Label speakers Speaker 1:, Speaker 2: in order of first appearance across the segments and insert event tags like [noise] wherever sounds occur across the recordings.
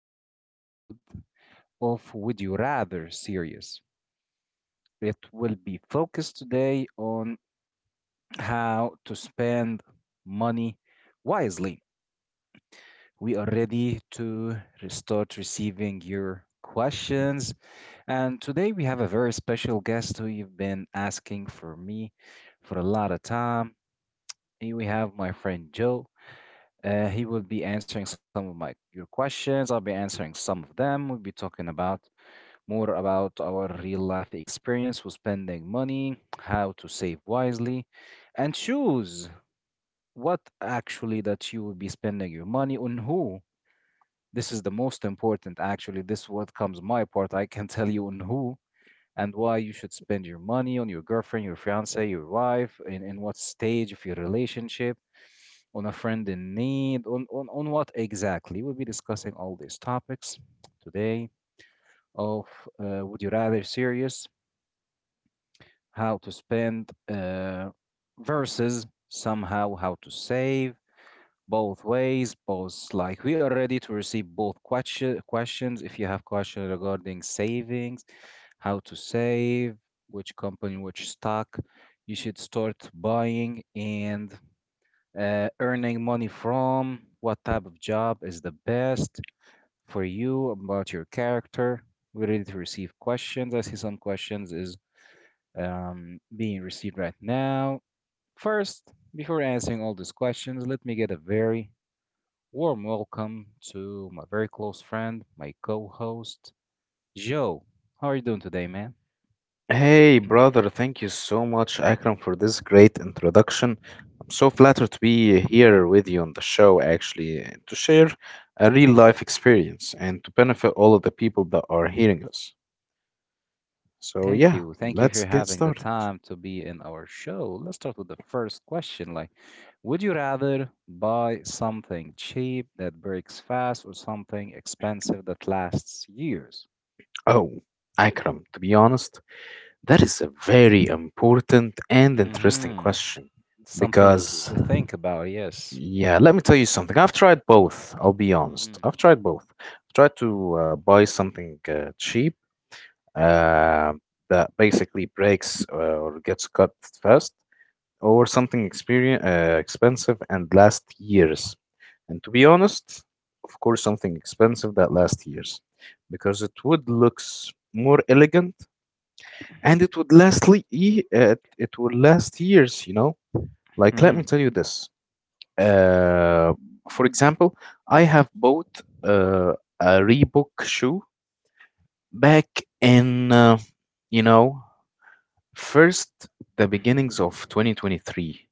Speaker 1: new episode of Would You Rather series. It will be focused today on how to spend money wisely. We are ready to start receiving your questions, and today we have a very special guest who you've been asking for me for a lot of time. Here we have my friend Joe. He will be answering some of my your questions. I'll be answering some of them. We'll be talking about more about our real life experience with spending money, how to save wisely, and choose what actually that you will be spending your money on who. This is the most important actually. This what comes my part. I can tell you on who and why you should spend your money on your girlfriend, your fiance, your wife, in what stage of your relationship on a friend in need, on what exactly? We'll be discussing all these topics today of Would You Rather series, how to spend versus somehow how to save, both ways, both like we are ready to receive both questions. If you have questions regarding savings, how to save, which company, which stock you should start buying, and earning money from, what type of job is the best for you, about your character. We're ready to receive questions. I see some questions is being received right now. First, before answering all these questions, let me get a very warm welcome to my very close friend, my co-host, Joe. How are you doing today, man?
Speaker 2: Hey, brother,
Speaker 1: [clears throat]
Speaker 2: thank you so much, Akram, for this great introduction. I'm so flattered to be here with you on the show, actually, and to share a real life experience and to benefit all of the people that are hearing us. So,
Speaker 1: Thank
Speaker 2: yeah,
Speaker 1: you. Thank you for
Speaker 2: let's get
Speaker 1: having the
Speaker 2: started.
Speaker 1: time to be in our show. Let's start with the first question. Like, would you rather buy something cheap that breaks fast or something expensive that lasts years?
Speaker 2: Oh, Akram, to be honest, that is a very important and interesting
Speaker 1: Mm-hmm.
Speaker 2: question
Speaker 1: Something you
Speaker 2: because,
Speaker 1: think about, yes.
Speaker 2: yeah, let me tell you something. I've tried both, I'll be honest.
Speaker 1: Mm-hmm.
Speaker 2: I've tried both. I've tried to buy something cheap uh, that basically breaks or gets cut fast, or something experience, expensive and lasts years. And to be honest, of course, something expensive that lasts years because it would looks more elegant and it would last years. You know, like let
Speaker 1: Mm-hmm.
Speaker 2: me tell you this. Uh, for example, I have bought uh, a Reebok shoe back in you know first, the beginnings of 2023.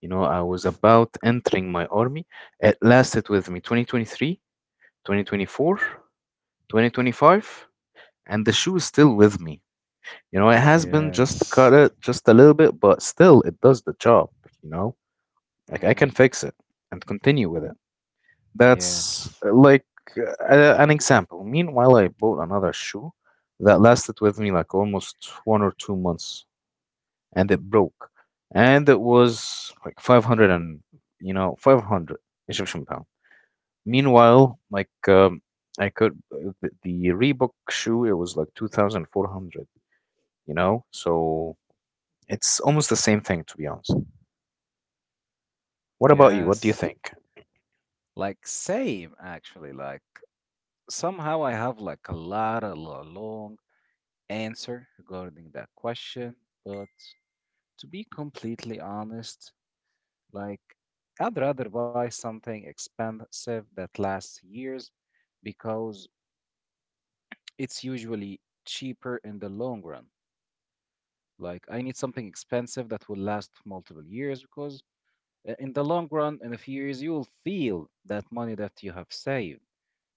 Speaker 2: You know, I was about entering my army. It lasted with me 2023, 2024, 2025, and the shoe is still with me. You know, it has been just
Speaker 1: Yes.
Speaker 2: cut it just a little bit, but still it does the job, you know? Like I
Speaker 1: Mm-hmm.
Speaker 2: can fix it and continue with it. That's
Speaker 1: Yes.
Speaker 2: like uh, an example. Meanwhile, I bought another shoe that lasted with me like almost 1 or 2 months. And it broke, and it was like 500 and 500 Egyptian pound. Meanwhile, like I could the Reebok shoe, it was like 2,400. You know, so it's almost the same thing to be honest. What about you? What do you
Speaker 1: Yes.
Speaker 2: think?
Speaker 1: Like same actually. Like somehow I have like a lot of a long answer regarding that question, but to be completely honest, like I'd rather buy something expensive that lasts years because it's usually cheaper in the long run. Like I need something expensive that will last multiple years because in the long run, in a few years, you will feel that money that you have saved.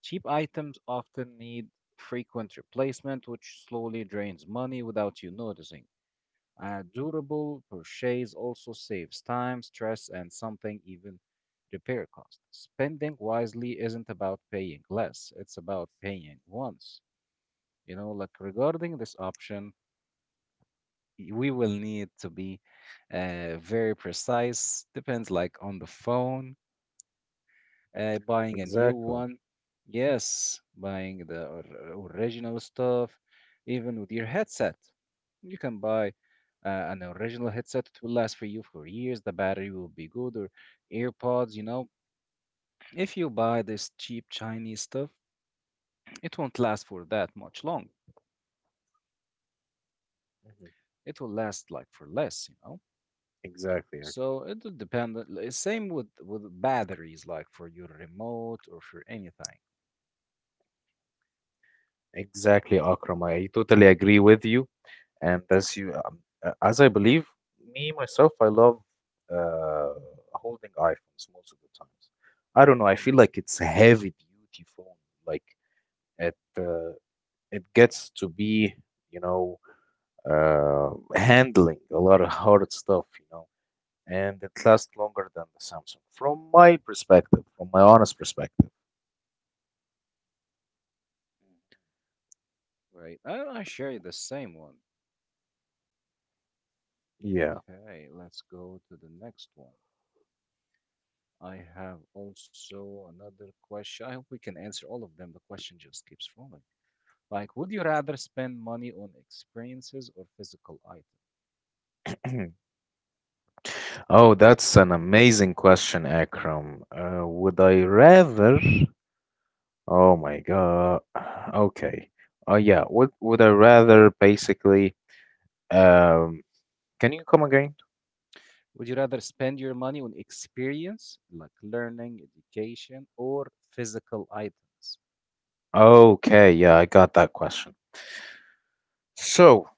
Speaker 1: Cheap items often need frequent replacement, which slowly drains money without you noticing. A durable purchase also saves time, stress, and something even repair cost. Spending wisely isn't about paying less, it's about paying once. You know, like regarding this option, we will need to be very precise. Depends like on the phone buying a new
Speaker 2: Exactly.
Speaker 1: one. Yes, buying the original stuff, even with your headset. You can buy an original headset, it will last for you for years. The battery will be good, or AirPods, you know. If you buy this cheap Chinese stuff, it won't last for that much long.
Speaker 2: Mhm.
Speaker 1: It will last like for less, you know.
Speaker 2: Exactly.
Speaker 1: So it'll depend. Same with batteries, like for your remote or for anything.
Speaker 2: Exactly, Akram. I totally agree with you. And as I believe me myself, I love uh, holding iPhones most of the times. I don't know. I
Speaker 1: Mhm.
Speaker 2: feel like it's a heavy duty phone. Like it uh, it gets to be you know handling a lot of hard stuff. You know, and it lasts longer than the Samsung from my perspective, from my honest perspective.
Speaker 1: Right. I share you the same one.
Speaker 2: Yeah.
Speaker 1: Okay, let's go to the next one. I have also another question. I hope we can answer all of them. The question just keeps rolling. Like, would you rather spend money on experiences or physical items?
Speaker 2: [clears throat] Oh, that's an amazing question, Akram. Would I rather? Oh my God. Okay. Oh yeah. Would I rather basically, um can you come again?
Speaker 1: Would you rather spend your money on experience, like learning, education, or physical items?
Speaker 2: Okay, yeah, I got that question. So,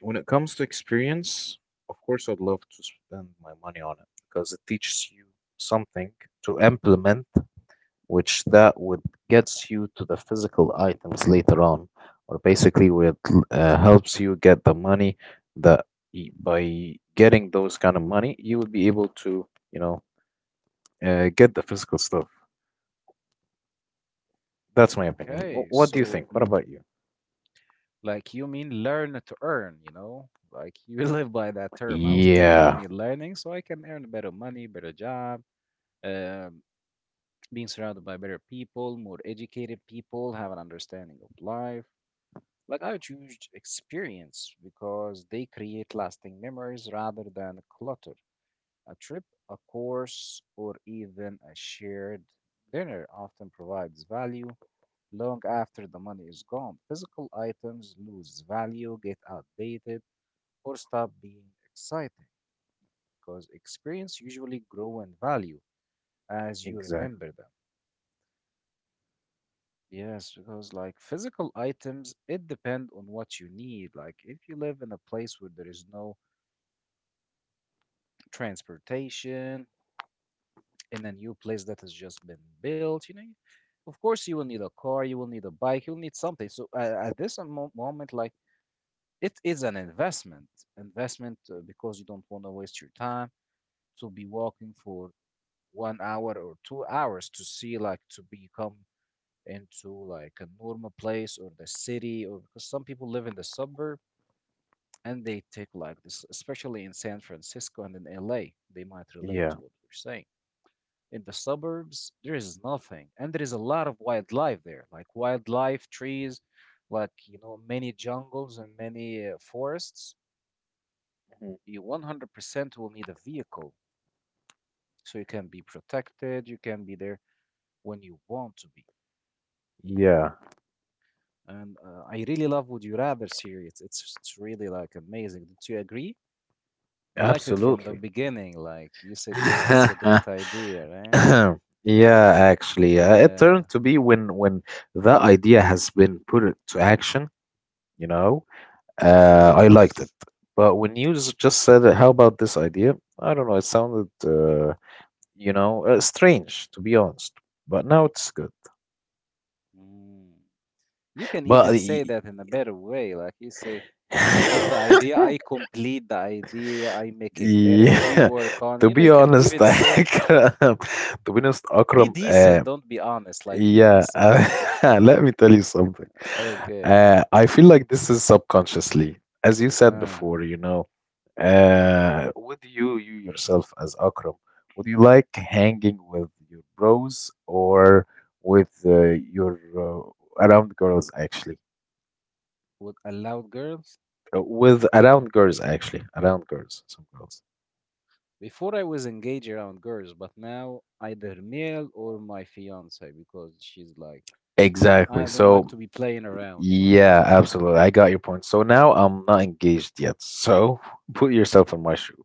Speaker 2: when it comes to experience, of course I'd love to spend my money on it because it teaches you something to implement which that would gets you to the physical items later on, or basically what helps you get the money that by getting those kind of money, you will be able to, you know, get the physical stuff. That's my opinion.
Speaker 1: Okay,
Speaker 2: What do you
Speaker 1: so
Speaker 2: think? What about you?
Speaker 1: like you mean learn to earn, you know? Like you [laughs] live by that term. I will spend
Speaker 2: Yeah,
Speaker 1: money learning so I can earn better money, better job, um, being surrounded by better people, more educated people, have an understanding of life. Like I choose experience because they create lasting memories rather than clutter. A trip, a course, or even a shared dinner often provides value long after the money is gone. Physical items lose value, get outdated, or stop being exciting because experience usually grow in value as you
Speaker 2: exactly.
Speaker 1: remember them. Yes, because like physical items, it depend on what you need. Like if you live in a place where there is no transportation in a new place that has just been built. You know, of course, you will need a car, you will need a bike, you will need something. So at this moment, like it is an investment, investment because you don't want to waste your time to be walking for 1 hour or 2 hours to see like to become into like a normal place or the city or because some people live in the suburb and they take like this, especially in San Francisco and in LA. They might relate
Speaker 2: Yeah.
Speaker 1: to what we're saying. In the suburbs, there is nothing. And there is a lot of wildlife there, like wildlife, trees, like, you know, many jungles and many forests.
Speaker 2: Mhm.
Speaker 1: You 100% will need a vehicle so you can be protected, you can be there when you want to be.
Speaker 2: Yeah,
Speaker 1: And I really love Would You Rather series. It's really like amazing. Don't you agree? You liked it from the
Speaker 2: absolutely.
Speaker 1: beginning, like you said, yes, this is a great
Speaker 2: [coughs]
Speaker 1: idea, right?
Speaker 2: [laughs] [clears throat] Yeah, actually, it
Speaker 1: Yeah,
Speaker 2: turned to be when that idea has been put to action. you know, I liked it.
Speaker 1: yes.
Speaker 2: But when you just said it, how about this idea? I don't know. It sounded, strange, to be honest. But now it's good.
Speaker 1: Mm. You can
Speaker 2: But
Speaker 1: even say
Speaker 2: y-
Speaker 1: that in a better way. Like you say, you give the
Speaker 2: [laughs]
Speaker 1: idea, I complete the idea, I make it better, we
Speaker 2: yeah,
Speaker 1: work
Speaker 2: [laughs]
Speaker 1: on.
Speaker 2: to
Speaker 1: You know,
Speaker 2: be
Speaker 1: you can
Speaker 2: honest, [laughs]
Speaker 1: even say,
Speaker 2: Akram, to be honest,
Speaker 1: be
Speaker 2: Akram,
Speaker 1: decent, don't be honest. Like, be
Speaker 2: yeah,
Speaker 1: decent.
Speaker 2: [laughs] let me tell you something.
Speaker 1: Okay.
Speaker 2: I feel like this is subconsciously, as you said
Speaker 1: Uh,
Speaker 2: before, with you, you yourself as Akram, would you like hanging with your bros or with your around girls actually?
Speaker 1: would allow girls?
Speaker 2: With around girls actually, around girls, some girls.
Speaker 1: Before I was engaged around girls, but now either Mel or my fiance because she's like,
Speaker 2: Exactly.
Speaker 1: I don't like
Speaker 2: So
Speaker 1: to be playing around, you know?
Speaker 2: yeah, absolutely. I got your point. So now I'm not engaged yet. So [laughs] put yourself in my shoe.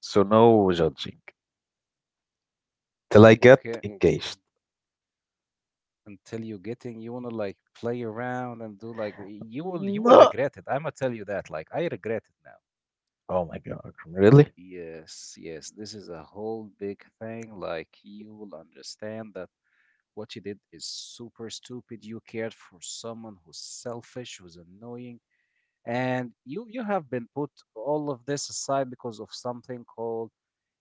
Speaker 2: So no judging till I get
Speaker 1: Okay.
Speaker 2: engaged.
Speaker 1: Until you're getting you want to like play around and do like you will
Speaker 2: No.
Speaker 1: regret it. I'm gonna tell you that, like I regret it now.
Speaker 2: Oh my God, Akram, really?
Speaker 1: Yes, yes, this is a whole big thing. Like you will understand that what you did is super stupid. You cared for someone who's selfish, who's annoying, and you have been put all of this aside because of something called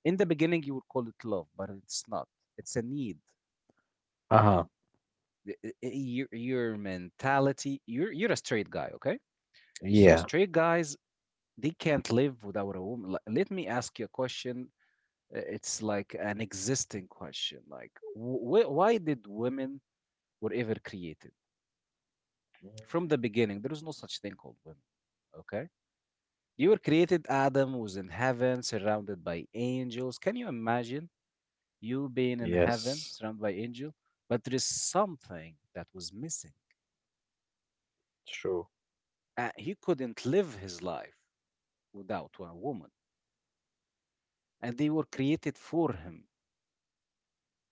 Speaker 1: in the beginning you would call it love, but it's not, it's a need.
Speaker 2: Uh-huh.
Speaker 1: Your mentality, you're a straight guy, okay? So
Speaker 2: Yeah.
Speaker 1: straight guys, they can't live without a woman. Like, let me ask you a question. It's like an existing question. Like, why did women were ever created?
Speaker 2: Mm.
Speaker 1: From the beginning, there is no such thing called women. Okay, you were created. Adam was in heaven, surrounded by angels. Can you imagine you being in heaven,
Speaker 2: Yes.
Speaker 1: surrounded by angels? But there is something that was missing.
Speaker 2: True.
Speaker 1: He couldn't live his life without one woman, and they were created for him.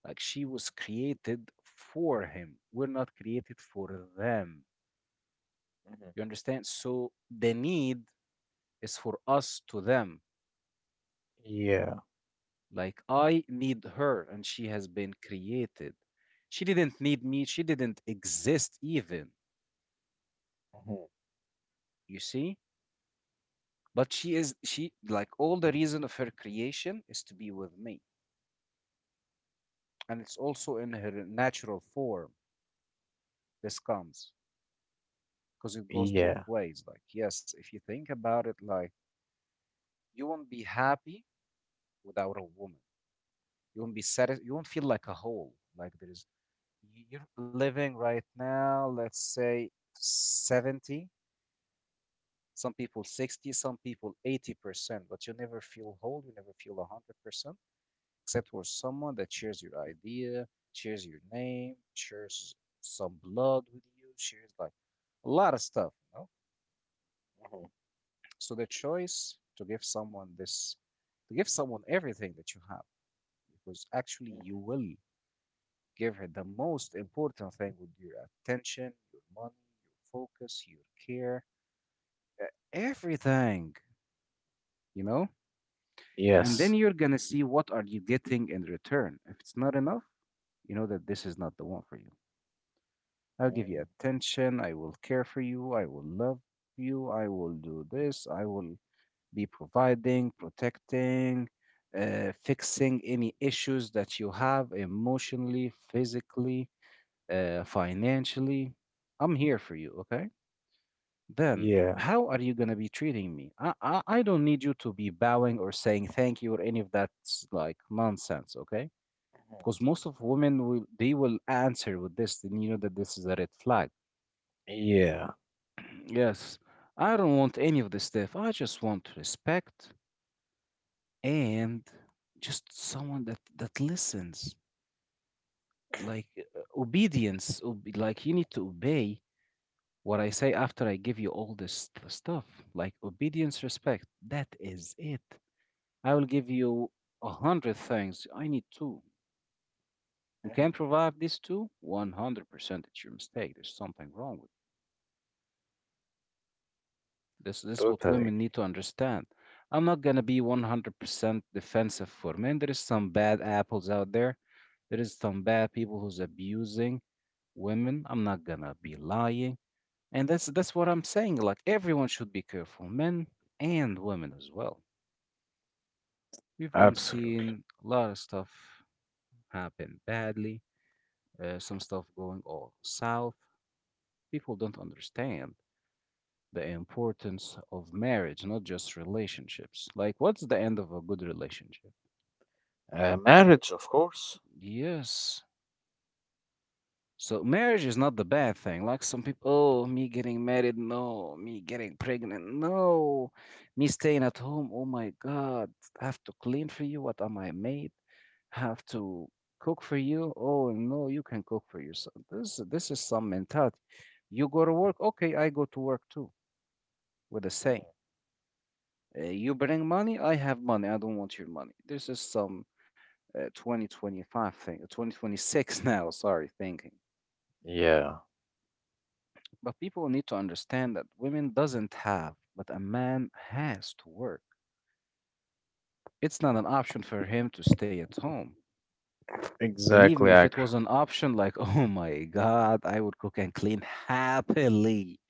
Speaker 1: Like she was created for him. We're not created for them.
Speaker 2: Hmm.
Speaker 1: You understand? So the need is for us to them.
Speaker 2: Yeah.
Speaker 1: Like I need her and she has been created. She didn't need me. She didn't exist even.
Speaker 2: Hmm.
Speaker 1: You see? But she is she like all the reason of her creation is to be with me. And it's also in her natural form. This comes because it goes both
Speaker 2: Yeah.
Speaker 1: ways. Like, yes, if you think about it, like you won't be happy without a woman. You won't be satisfied. You won't feel like a whole. Like there is you're living right now, let's say 70, some people 60, some people 80%, but you never feel whole, you never feel 100%, except for someone that shares your idea, shares your name, shares some blood with you, shares like a lot of stuff, you know? So the choice to give someone this to give someone everything that you have because actually you will give her the most important thing with your attention, your money, your focus, your care, uh, everything, you know? And then
Speaker 2: Yes.
Speaker 1: you're gonna see what are you getting in return. If it's not enough, you know that this is not the one for you. I'll give you
Speaker 2: Mm.
Speaker 1: attention, I will care for you, I will love you, I will do this, I will be providing, protecting, fixing any issues that you have emotionally, physically, financially, I'm here for you, okay? Then
Speaker 2: Yeah.
Speaker 1: how are you gonna be treating me? I don't need you to be bowing or saying thank you or any of that like nonsense, okay? Because most of women will they will answer with this, and you know that this is a red flag.
Speaker 2: Yeah.
Speaker 1: [clears throat] Yes, I don't want any of this stuff. I just want respect and just someone that listens. Like obedience, like you need to obey what I say after I give you all this stuff, like obedience, respect, that is it. I will give you a hundred things. I need two. You can't provide these two? 100% it's your mistake. There's something wrong with you. This is what
Speaker 2: Totally
Speaker 1: women need
Speaker 2: agree.
Speaker 1: to understand. I'm not going to be 100% defensive for men. There is some bad apples out there. There is some bad people who's abusing women. I'm not going to be lying. And that's what I'm saying. Like everyone should be careful, men and women as well. We've all seen
Speaker 2: Absolutely.
Speaker 1: a lot of stuff happen badly, some stuff going all south. People don't understand the importance of marriage, not just relationships. Like, what's the end of a good relationship?
Speaker 2: Marriage, of course.
Speaker 1: Yes, so marriage is not the bad thing. Like some people, oh, me getting married, no, me getting pregnant, no, me staying at home, oh my God, I have to clean for you. What am I made? Have to cook for you? Oh no, you can cook for yourself. This is some mentality. You go to work, okay, I go to work too with the same. You bring money, I have money. I don't want your money. This is some 2025 thing, 2026 [laughs] now. Sorry, thinking.
Speaker 2: Yeah.
Speaker 1: But people need to understand that women doesn't have, but a man has to work. It's not an option for him to stay at home. Believe me,
Speaker 2: Exactly,
Speaker 1: if it
Speaker 2: Akram.
Speaker 1: was an option, like, [laughs] oh my God, I would cook and clean happily.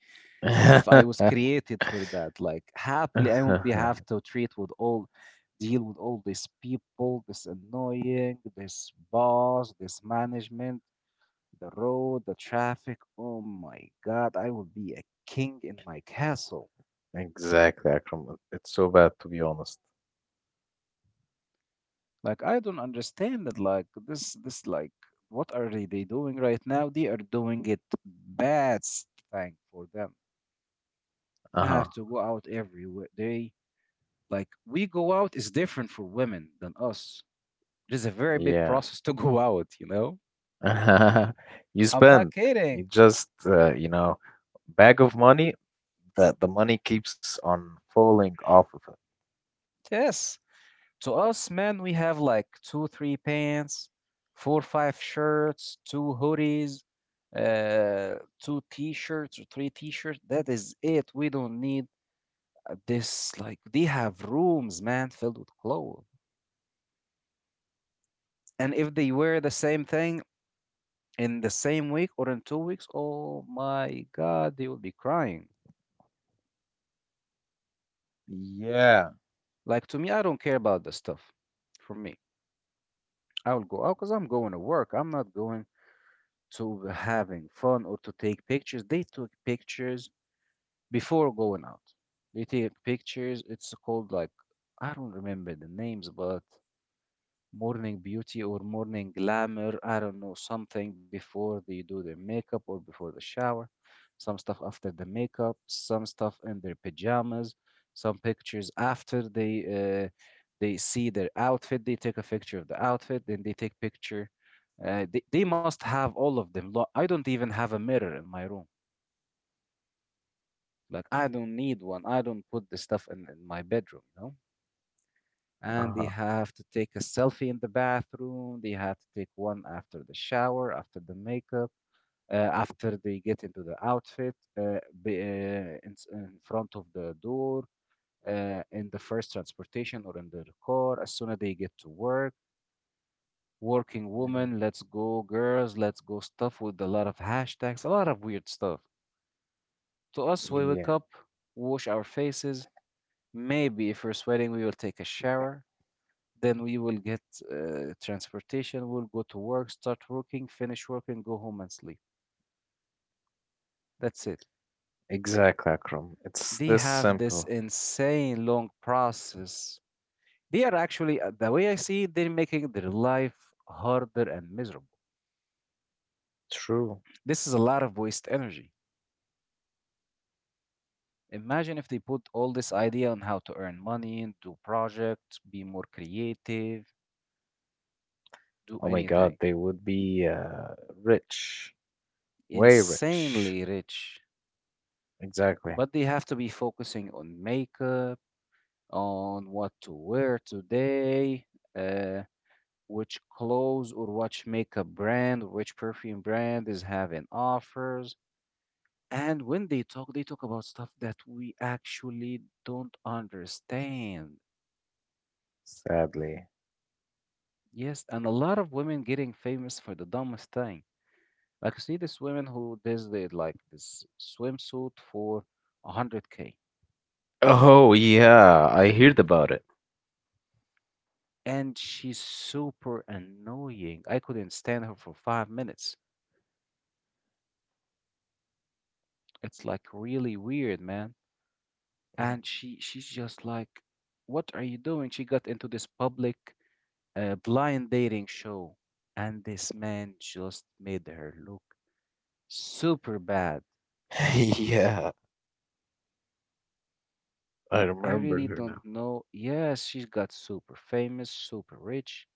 Speaker 1: If I was
Speaker 2: [laughs]
Speaker 1: created for that, like happily, I won't be
Speaker 2: [laughs]
Speaker 1: have to treat with all, deal with all these people, this annoying, this boss, this management, the road, the traffic. Oh my God, I would be a king in my castle.
Speaker 2: Exactly, Akram. It's so bad to be honest.
Speaker 1: Like I don't understand it. Like this like what are they doing right now? They are doing it bad thing for them. They have
Speaker 2: Uh-huh.
Speaker 1: to go out every day. Like we go out is different for women than us. It is a very big
Speaker 2: Yeah.
Speaker 1: process to [laughs] go out. You know,
Speaker 2: [laughs] You
Speaker 1: I'm not
Speaker 2: spend it
Speaker 1: kidding.
Speaker 2: just, bag of money that the money keeps on falling off of it.
Speaker 1: Yes, to us men, we have like two, three pants, four, five shirts, two hoodies, two t-shirts or three t-shirts, that is it. We don't need this. Like they have rooms, man, filled with clothes. And if they wear the same thing in the same week or in 2 weeks, oh my God, they will be crying.
Speaker 2: Yeah.
Speaker 1: Like to me, I don't care about the stuff. For me, I will go out because I'm going to work. I'm not going to having fun or to take pictures. They took pictures before going out. They take pictures. It's called like, I don't remember the names, but morning beauty or morning glamour. I don't know, something before they do their makeup or before the shower, some stuff after the makeup, some stuff in their pajamas, some pictures after they they see their outfit. They take a picture of the outfit, then they take picture. They must have all of them. I don't even have a mirror in my room. Like I don't need one. I don't put the stuff in my bedroom, you know? And they
Speaker 2: Uh-huh.
Speaker 1: have to take a selfie in the bathroom. They have to take one after the shower, after the makeup, uh, after they get into the outfit, in front of the door, in the first transportation or in the car, as soon as they get to work. Working
Speaker 2: Mhm.
Speaker 1: woman, let's go, girls, let's go, stuff with a lot of hashtags, a lot of weird stuff. To us, we wake
Speaker 2: Yeah,
Speaker 1: up, wash our faces. Maybe if we're sweating, we will take a shower. Then we will get transportation, we'll go to work, start working, finish working, go home and sleep. That's it.
Speaker 2: exactly, Akram, it's
Speaker 1: They
Speaker 2: this
Speaker 1: have this
Speaker 2: simple.
Speaker 1: insane long process. They are actually, the way I see it, they're making their life harder and miserable.
Speaker 2: True.
Speaker 1: This is a lot of waste energy. Imagine if they put all this idea on how to earn money, do projects, be more creative, do
Speaker 2: Oh my God,
Speaker 1: anything.
Speaker 2: they would be rich. Way rich.
Speaker 1: Insanely rich.
Speaker 2: Exactly.
Speaker 1: But they have to be focusing on makeup, on what to wear today, uh, which clothes or which makeup brand or which perfume brand is having offers. And when they talk about stuff that we actually don't understand.
Speaker 2: Sadly.
Speaker 1: Yes, and a lot of women getting famous for the dumbest thing. Like you see this woman who does the like this swimsuit for 100K,
Speaker 2: Oh yeah, I heard about it.
Speaker 1: and she's super annoying. I couldn't stand her for 5 minutes. It's like really weird, man.
Speaker 2: Mhm.
Speaker 1: And she's just like, what are you doing? She got into this public blind dating show and this man just made her look super bad.
Speaker 2: [laughs] Yeah, I
Speaker 1: Like I
Speaker 2: remembered
Speaker 1: really
Speaker 2: her
Speaker 1: don't
Speaker 2: now.
Speaker 1: know. Yes, she's got super famous, super rich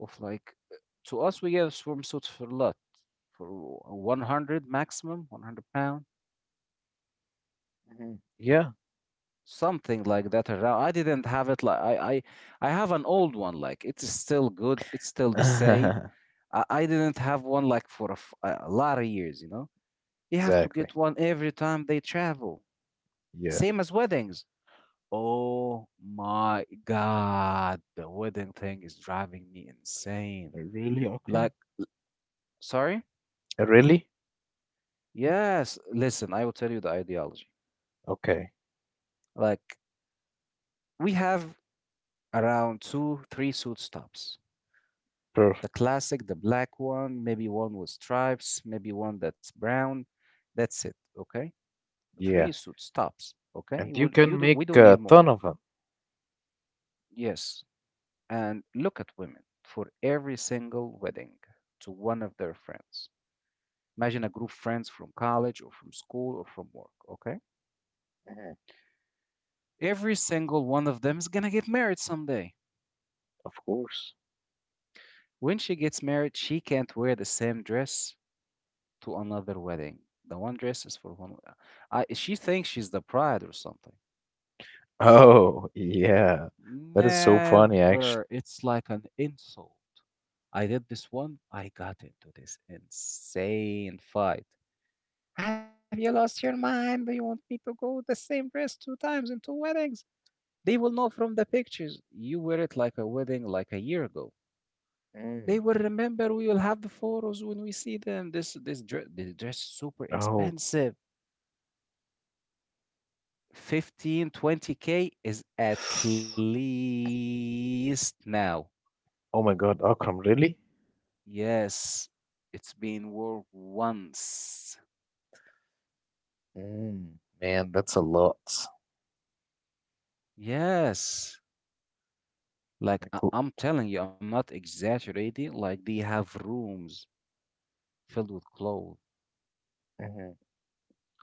Speaker 1: of like, to us we get swimsuits for lot for 100, maximum £100,
Speaker 2: Mhm. Yeah,
Speaker 1: something like that around. I didn't have it, like I have an old one, like it's still good, it's still the same.
Speaker 2: [laughs]
Speaker 1: I didn't have one like for a, a lot of years, you know? They have to
Speaker 2: exactly.
Speaker 1: get one every time they travel.
Speaker 2: Yeah.
Speaker 1: Same as weddings. Oh my God. The wedding thing is driving me insane.
Speaker 2: Really, Akram?
Speaker 1: Like, sorry?
Speaker 2: Really?
Speaker 1: Yes. Listen, I will tell you the ideology.
Speaker 2: Okay,
Speaker 1: Like, we have around two, three suit stops.
Speaker 2: perfect.
Speaker 1: The classic, the black one, maybe one with stripes, maybe one that's brown. That's it. Okay, three
Speaker 2: Yeah.
Speaker 1: suits tops. Okay,
Speaker 2: And
Speaker 1: would
Speaker 2: you
Speaker 1: you
Speaker 2: can
Speaker 1: do, we
Speaker 2: make
Speaker 1: don't need
Speaker 2: a
Speaker 1: more.
Speaker 2: ton of them.
Speaker 1: Yes, and look at women for every single wedding to one of their friends. Imagine a group of friends from college or from school or from work. Okay,
Speaker 2: Mhm.
Speaker 1: every single one of them is gonna get married someday.
Speaker 2: Of course.
Speaker 1: When she gets married, she can't wear the same dress to another wedding. The one dress is for one. I, she thinks she's the bride or something.
Speaker 2: Oh, [laughs] yeah. That is so funny, actually.
Speaker 1: Never. It's like an insult. I did this one. I got into this insane fight. Have you lost your mind? Do you want me to go with the same dress two times in two weddings? They will know from the pictures. You wear it like a wedding like a year ago. They
Speaker 2: Mm.
Speaker 1: will remember. We will have the photos when we see them. This dress, this dress is super
Speaker 2: Oh.
Speaker 1: expensive. 15-20K k is at least now.
Speaker 2: Oh my God, Akram, really?
Speaker 1: Yes, it's been worn once.
Speaker 2: Mm, man, that's a lot.
Speaker 1: Yes. Like
Speaker 2: I could.
Speaker 1: I'm telling you, I'm not exaggerating. Like they have rooms filled with clothes.
Speaker 2: Mhm.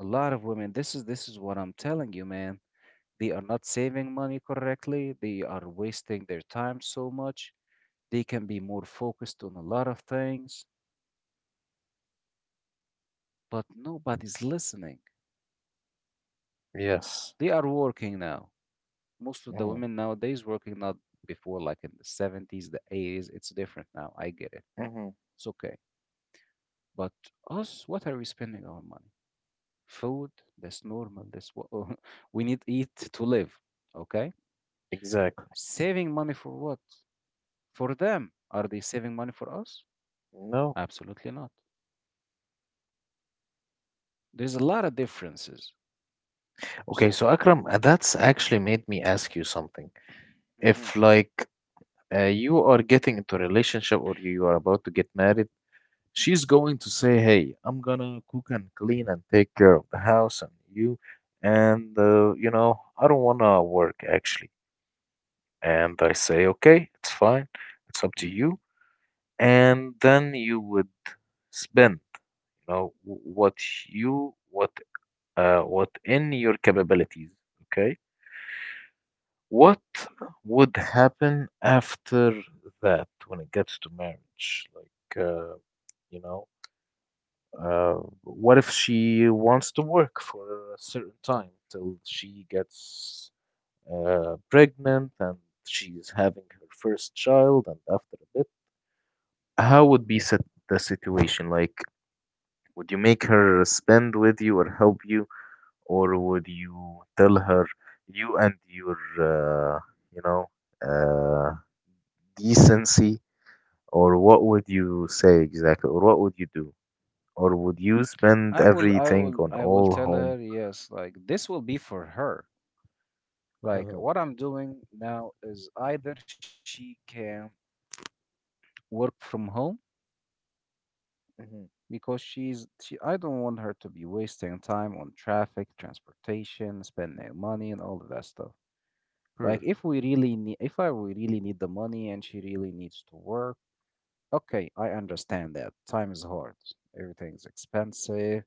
Speaker 1: A lot of women. This is what I'm telling you, man. They are not saving money correctly. They are wasting their time so much. They can be more focused on a lot of things, but nobody's listening.
Speaker 2: Yes.
Speaker 1: They are working now. Most of the
Speaker 2: Mhm.
Speaker 1: women nowadays working not before, like in the 70s, the 80s. It's different now. I get it.
Speaker 2: Mhm.
Speaker 1: It's okay. But us, what are we spending our money? Food. That's normal, that's what [laughs] we need. Eat to live, okay.
Speaker 2: Exactly.
Speaker 1: Saving money for what? For them? Are they saving money for us?
Speaker 2: No.
Speaker 1: Absolutely not. There's a lot of differences.
Speaker 2: Okay,
Speaker 1: So
Speaker 2: so Akram, that's actually made me ask you something.
Speaker 1: mhm,
Speaker 2: If like you are getting into a relationship or you are about to get married, she's going to say, "Hey, I'm gonna cook and clean and take care of the house and you, and, I don't wanna work actually." And I say, "Okay, it's fine. It's up to
Speaker 1: mhm.
Speaker 2: you." And then you would spend you know wh- what you what what in your capabilities. Okay, what would happen after that when it gets to marriage, like you know uh, what if she wants to work for a certain time till she gets pregnant and she's having her first child, and after a bit, how would be set the situation? Like, would you make her spend with you or help you, or would you tell her, you and your, you know, uh, decency, or what would you say exactly, or what would you do, or would you spend
Speaker 1: i will i
Speaker 2: everything
Speaker 1: will
Speaker 2: on
Speaker 1: i will
Speaker 2: all
Speaker 1: tell
Speaker 2: home?
Speaker 1: her yes, like this will be for her, like
Speaker 2: Uh-huh.
Speaker 1: what I'm doing now is either she can work from home,
Speaker 2: Hmm.
Speaker 1: because she I don't want her to be wasting time on traffic, transportation, spending money and all of that stuff. Like
Speaker 2: Perfect.
Speaker 1: if we really need, if I we really need the money and she really needs to work, okay, I understand that. Time is hard. Everything's expensive.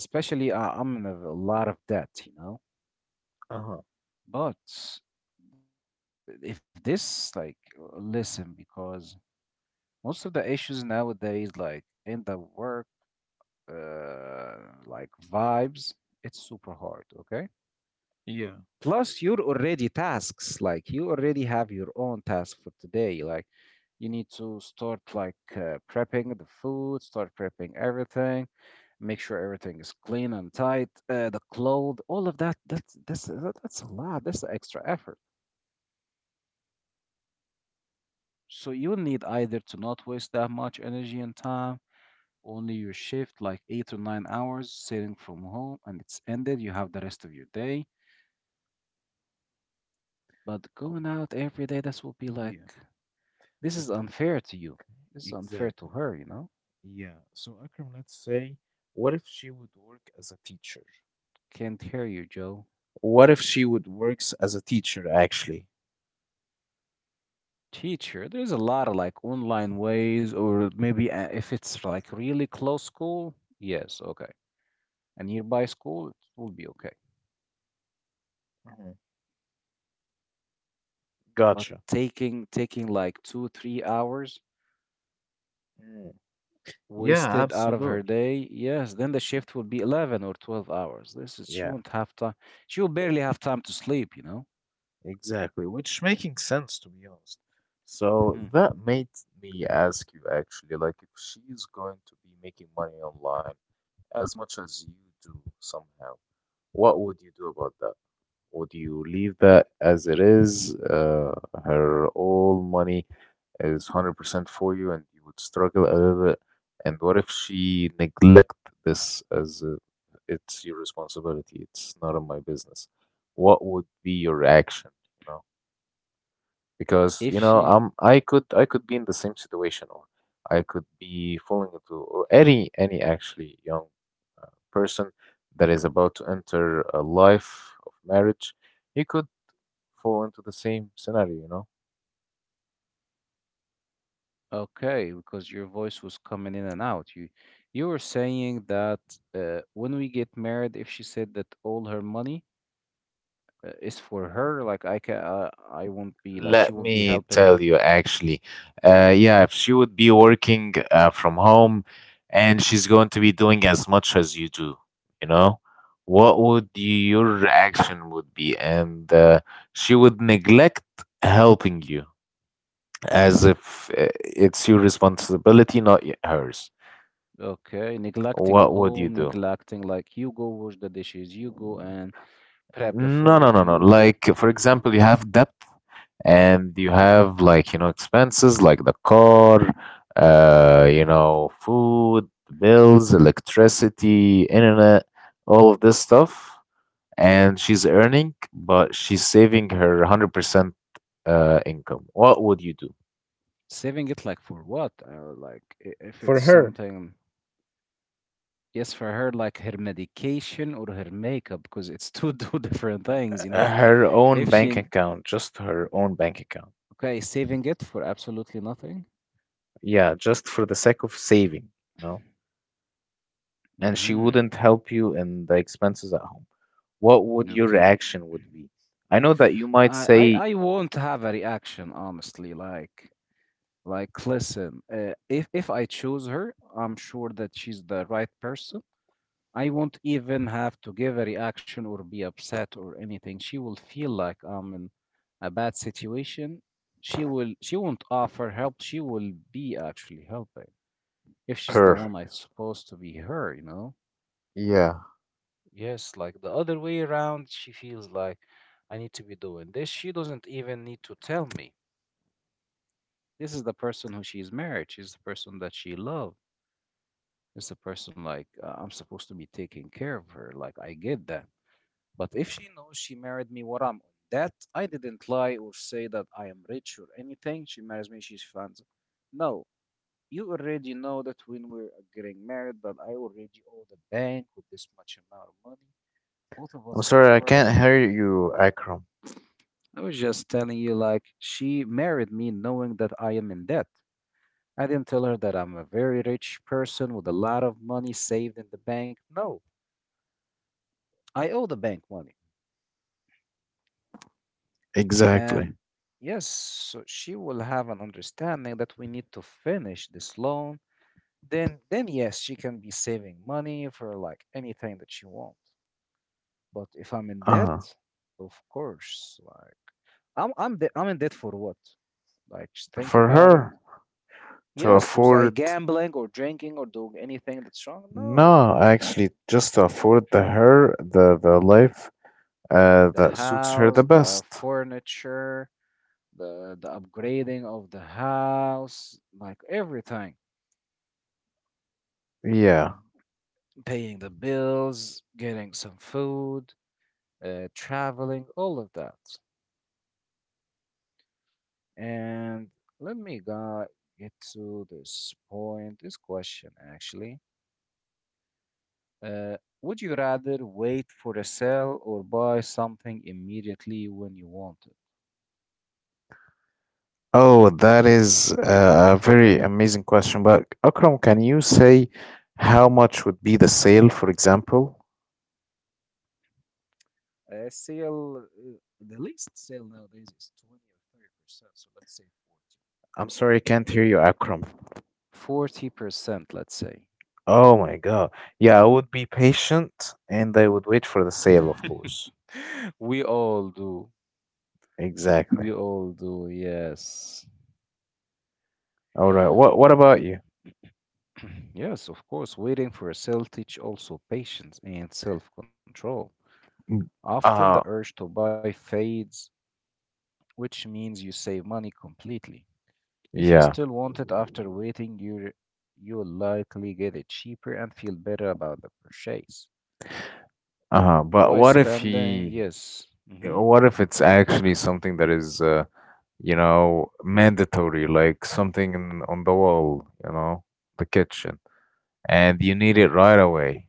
Speaker 1: Especially I'm in a lot of debt, you know.
Speaker 2: Uh-huh.
Speaker 1: But if this like, listen, because most of the issues nowadays, like in the work, uh, like vibes, it's super hard. Okay.
Speaker 2: Yeah.
Speaker 1: Plus, you're already tasks. Like you already have your own task for today. Like you need to start like prepping the food, start prepping everything, make sure everything is clean and tight, the clothes, all of that. That's a lot. That's extra effort. So you need either to not waste that much energy and time. Only your shift, like 8 or 9 hours, sitting from home, and it's ended. You have the rest of your day. But
Speaker 2: o-
Speaker 1: going out every day, this will be like
Speaker 2: Yeah.
Speaker 1: this
Speaker 2: Okay.
Speaker 1: is unfair to you. This is unfair
Speaker 2: Exactly.
Speaker 1: to her. You know,
Speaker 2: Yeah. So Akram, let's say, what if she would work as a teacher?
Speaker 1: can't hear you, Joe.
Speaker 2: What if she would works as a teacher actually?
Speaker 1: Teacher, there's a lot of like online ways, or maybe if it's like really close school, yes, okay. A nearby school, it will be okay.
Speaker 2: Mhm.
Speaker 1: But
Speaker 2: Gotcha.
Speaker 1: taking like two, 3 hours
Speaker 2: Mm. Yeah,
Speaker 1: wasted out of her
Speaker 2: absolutely.
Speaker 1: day, yes, then the shift will be 11 or 12 hours. This is she
Speaker 2: Yeah,
Speaker 1: won't have time. She will barely have time to sleep, you know.
Speaker 2: exactly. Which making sense to be honest. So
Speaker 1: Mhm.
Speaker 2: that made me ask you actually, like if she's going to be making money online as much as you do somehow, what would you do about that? Would you leave that as it is, her all money? Is 100% for you and you would struggle a little bit. And what if she neglect this as a, it's your responsibility, it's none of my business? What would be your reaction, you know? Because,
Speaker 1: If she
Speaker 2: I could be in the same situation, or I could be falling into, or any actually young uh, person that is about to enter a life of marriage, he could fall into the same scenario, you know.
Speaker 1: okay, because your voice was coming in and out. You were saying that when we get married, if she said that all her money is for her, like I can, I won't be like, she
Speaker 2: Let
Speaker 1: won't be
Speaker 2: me
Speaker 1: helping. And
Speaker 2: tell you, actually, yeah, if she would be working from home and she's going to be doing as much as you do, you know, what would your reaction would be? And she would neglect helping you as if it's your responsibility, not hers.
Speaker 1: okay, neglecting
Speaker 2: What would you
Speaker 1: home,
Speaker 2: do?
Speaker 1: neglecting like you go wash the dishes, you go and prep the
Speaker 2: No, no,
Speaker 1: food,
Speaker 2: no, no.
Speaker 1: you go
Speaker 2: Like, for example, you have debt. And you have, like, expenses like the car, food, bills, electricity, internet, all of this stuff. And she's earning but she's saving her 100% income. What would you do?
Speaker 1: saving it like for what? Like, if it's
Speaker 2: For her.
Speaker 1: something, yes, for her, like her medication or her makeup, because it's two [laughs] two different things, you know?
Speaker 2: Her own
Speaker 1: If
Speaker 2: bank
Speaker 1: she,
Speaker 2: account, just her own bank account.
Speaker 1: okay, saving it for absolutely nothing.
Speaker 2: Yeah, just for the sake of saving, you know and she
Speaker 1: Mm-hmm.
Speaker 2: wouldn't help you in the expenses at home. What would your
Speaker 1: Okay.
Speaker 2: reaction would be? I know that you might
Speaker 1: I, I
Speaker 2: say,
Speaker 1: i won't have a reaction, honestly, like. Like, listen, if I choose her, I'm sure that she's the right person. I won't even have to give a reaction or be upset or anything. She will feel like I'm in a bad situation. She won't offer help. She will be actually helping if she's the
Speaker 2: perfect.
Speaker 1: one, I'm supposed to be her, you know?
Speaker 2: Yeah.
Speaker 1: Yes, like the other way around, she feels like I need to be doing this. She doesn't even need to tell me. This is the person who she's married. She's the person that she loves. It's a person like, I'm supposed to be taking care of her. Like, I get that. But if she knows she married me, what I'm on, that I didn't lie or say that I am rich or anything. She marries me, she's fans. No, you already know that when we're getting married, that I already owe the bank with this much amount of money. Both of
Speaker 2: I'm
Speaker 1: us will
Speaker 2: sorry, I
Speaker 1: work.
Speaker 2: can't hear you, Akram.
Speaker 1: I was just telling you, like, she married me knowing that I am in debt. I didn't tell her that I'm a very rich person with a lot of money saved in the bank. No, I owe the bank money.
Speaker 2: Exactly.
Speaker 1: And yes, so she will have an understanding that we need to finish this loan. Then yes, she can be saving money for like anything that she wants. But if I'm in
Speaker 2: Uh-huh.
Speaker 1: debt, of course, like, I'm in debt for what? Like, just think
Speaker 2: For
Speaker 1: about it.
Speaker 2: her to
Speaker 1: Yes, was I
Speaker 2: afford.
Speaker 1: gambling or drinking or doing anything that's wrong? No.
Speaker 2: No, actually just to afford the life
Speaker 1: The
Speaker 2: that suits her the
Speaker 1: house, the
Speaker 2: best.
Speaker 1: furniture, the upgrading of the house, like everything.
Speaker 2: Yeah.
Speaker 1: Paying the bills, getting some food, traveling, all of that. And let me go get to this point, this question actually. Uh, would you rather wait for a sale or buy something immediately when you want it?
Speaker 2: Oh, that is a very amazing question. But Akram, can you say how much would be the sale, for example?
Speaker 1: A sale, the least sale nowadays is 20 or 30%, so let's say
Speaker 2: I'm sorry, I can't hear you, Akram.
Speaker 1: 40. 40%, let's say.
Speaker 2: Oh my God. Yeah, I would be patient and I would wait for the sale, of
Speaker 1: [laughs]
Speaker 2: course.
Speaker 1: [laughs] We all do. We
Speaker 2: Exactly.
Speaker 1: all do, yes.
Speaker 2: All right. What about you?
Speaker 1: Bec- [clears throat] Yes, of course, waiting for a sale teach also patience and self-control.
Speaker 2: Mm.
Speaker 1: Often the
Speaker 2: Uh,
Speaker 1: urge to buy fades, which means you save money completely. If you
Speaker 2: yeah.
Speaker 1: still want it after waiting, you'll likely get it cheaper and feel better about the purchase.
Speaker 2: Uh-huh. But
Speaker 1: Why
Speaker 2: what if
Speaker 1: spending?
Speaker 2: he,
Speaker 1: Yes. Hmm.
Speaker 2: what if it's actually something that is mandatory, like something in, on the wall, you know, the kitchen? And you need it right away.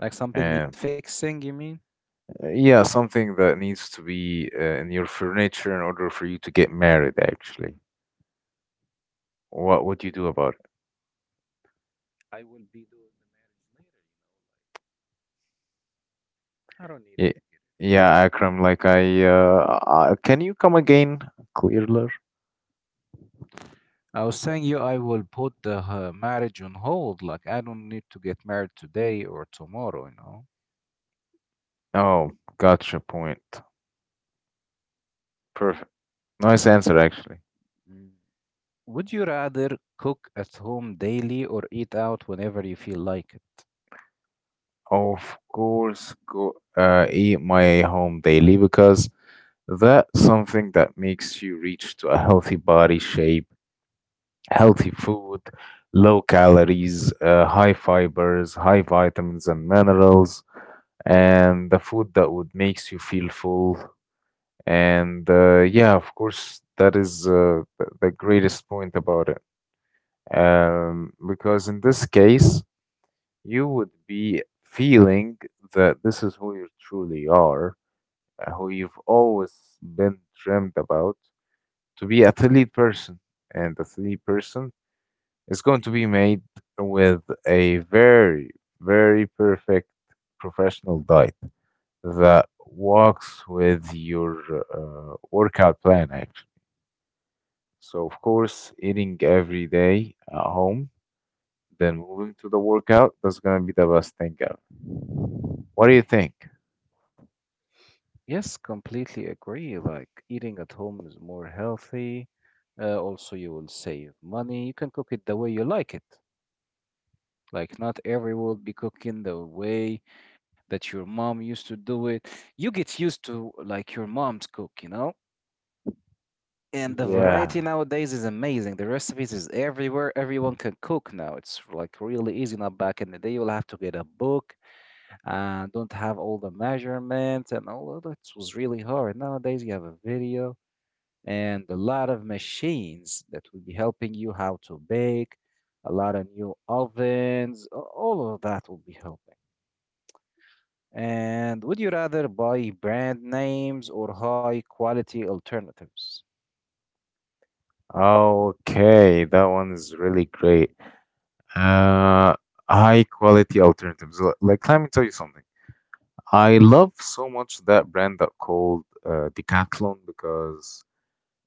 Speaker 1: Like something need
Speaker 2: And
Speaker 1: fixing, you mean?
Speaker 2: yeah, something that needs to be in your furniture in order for you to get married, actually. What would you do about
Speaker 1: I will be doing the marriage later, you know, like, I don't need it.
Speaker 2: it? Yeah, Akram, like can you come again, clearer?
Speaker 1: I was saying you, I will put the marriage on hold. Like, I don't need to get married today or tomorrow, you know?
Speaker 2: Oh, gotcha point. Perfect. Nice answer, actually.
Speaker 1: Mm. Would you rather cook at home daily or eat out whenever you feel like it?
Speaker 2: Of course, go eat my home daily because that's something that makes you reach to a healthy body shape, healthy food, low calories, high fibers, high vitamins and minerals, and the food that would makes you feel full. And yeah, of course, that is the greatest point about it. Because in this case, you would be feeling that this is who you truly are, who you've always been dreamt about, to be a athlete person. And the athlete person, it's going to be made with a very, very perfect professional diet that works with your workout plan, actually. So, of course, eating every day at home, then moving to the workout, that's going to be the best thing ever. What do you think?
Speaker 1: Yes, completely agree. Like, eating at home is more healthy. Also, you will save money. You can cook it the way you like it. Like, not everyone will be cooking the way that your mom used to do it. You get used to like your mom's cook, you know? And the
Speaker 2: Yeah.
Speaker 1: variety nowadays is amazing. The recipes is everywhere. Everyone can cook now. It's like really easy now. Back in the day, you'll have to get a book and don't have all the measurements and all of that was really hard. Nowadays, you have a video and a lot of machines that will be helping you how to bake, a lot of new ovens, all of that will be helping. And would you rather buy brand names or high quality alternatives?
Speaker 2: Okay, that one is really great. Uh, high quality alternatives. Like, let me tell you something. I love so much that brand that called Decathlon because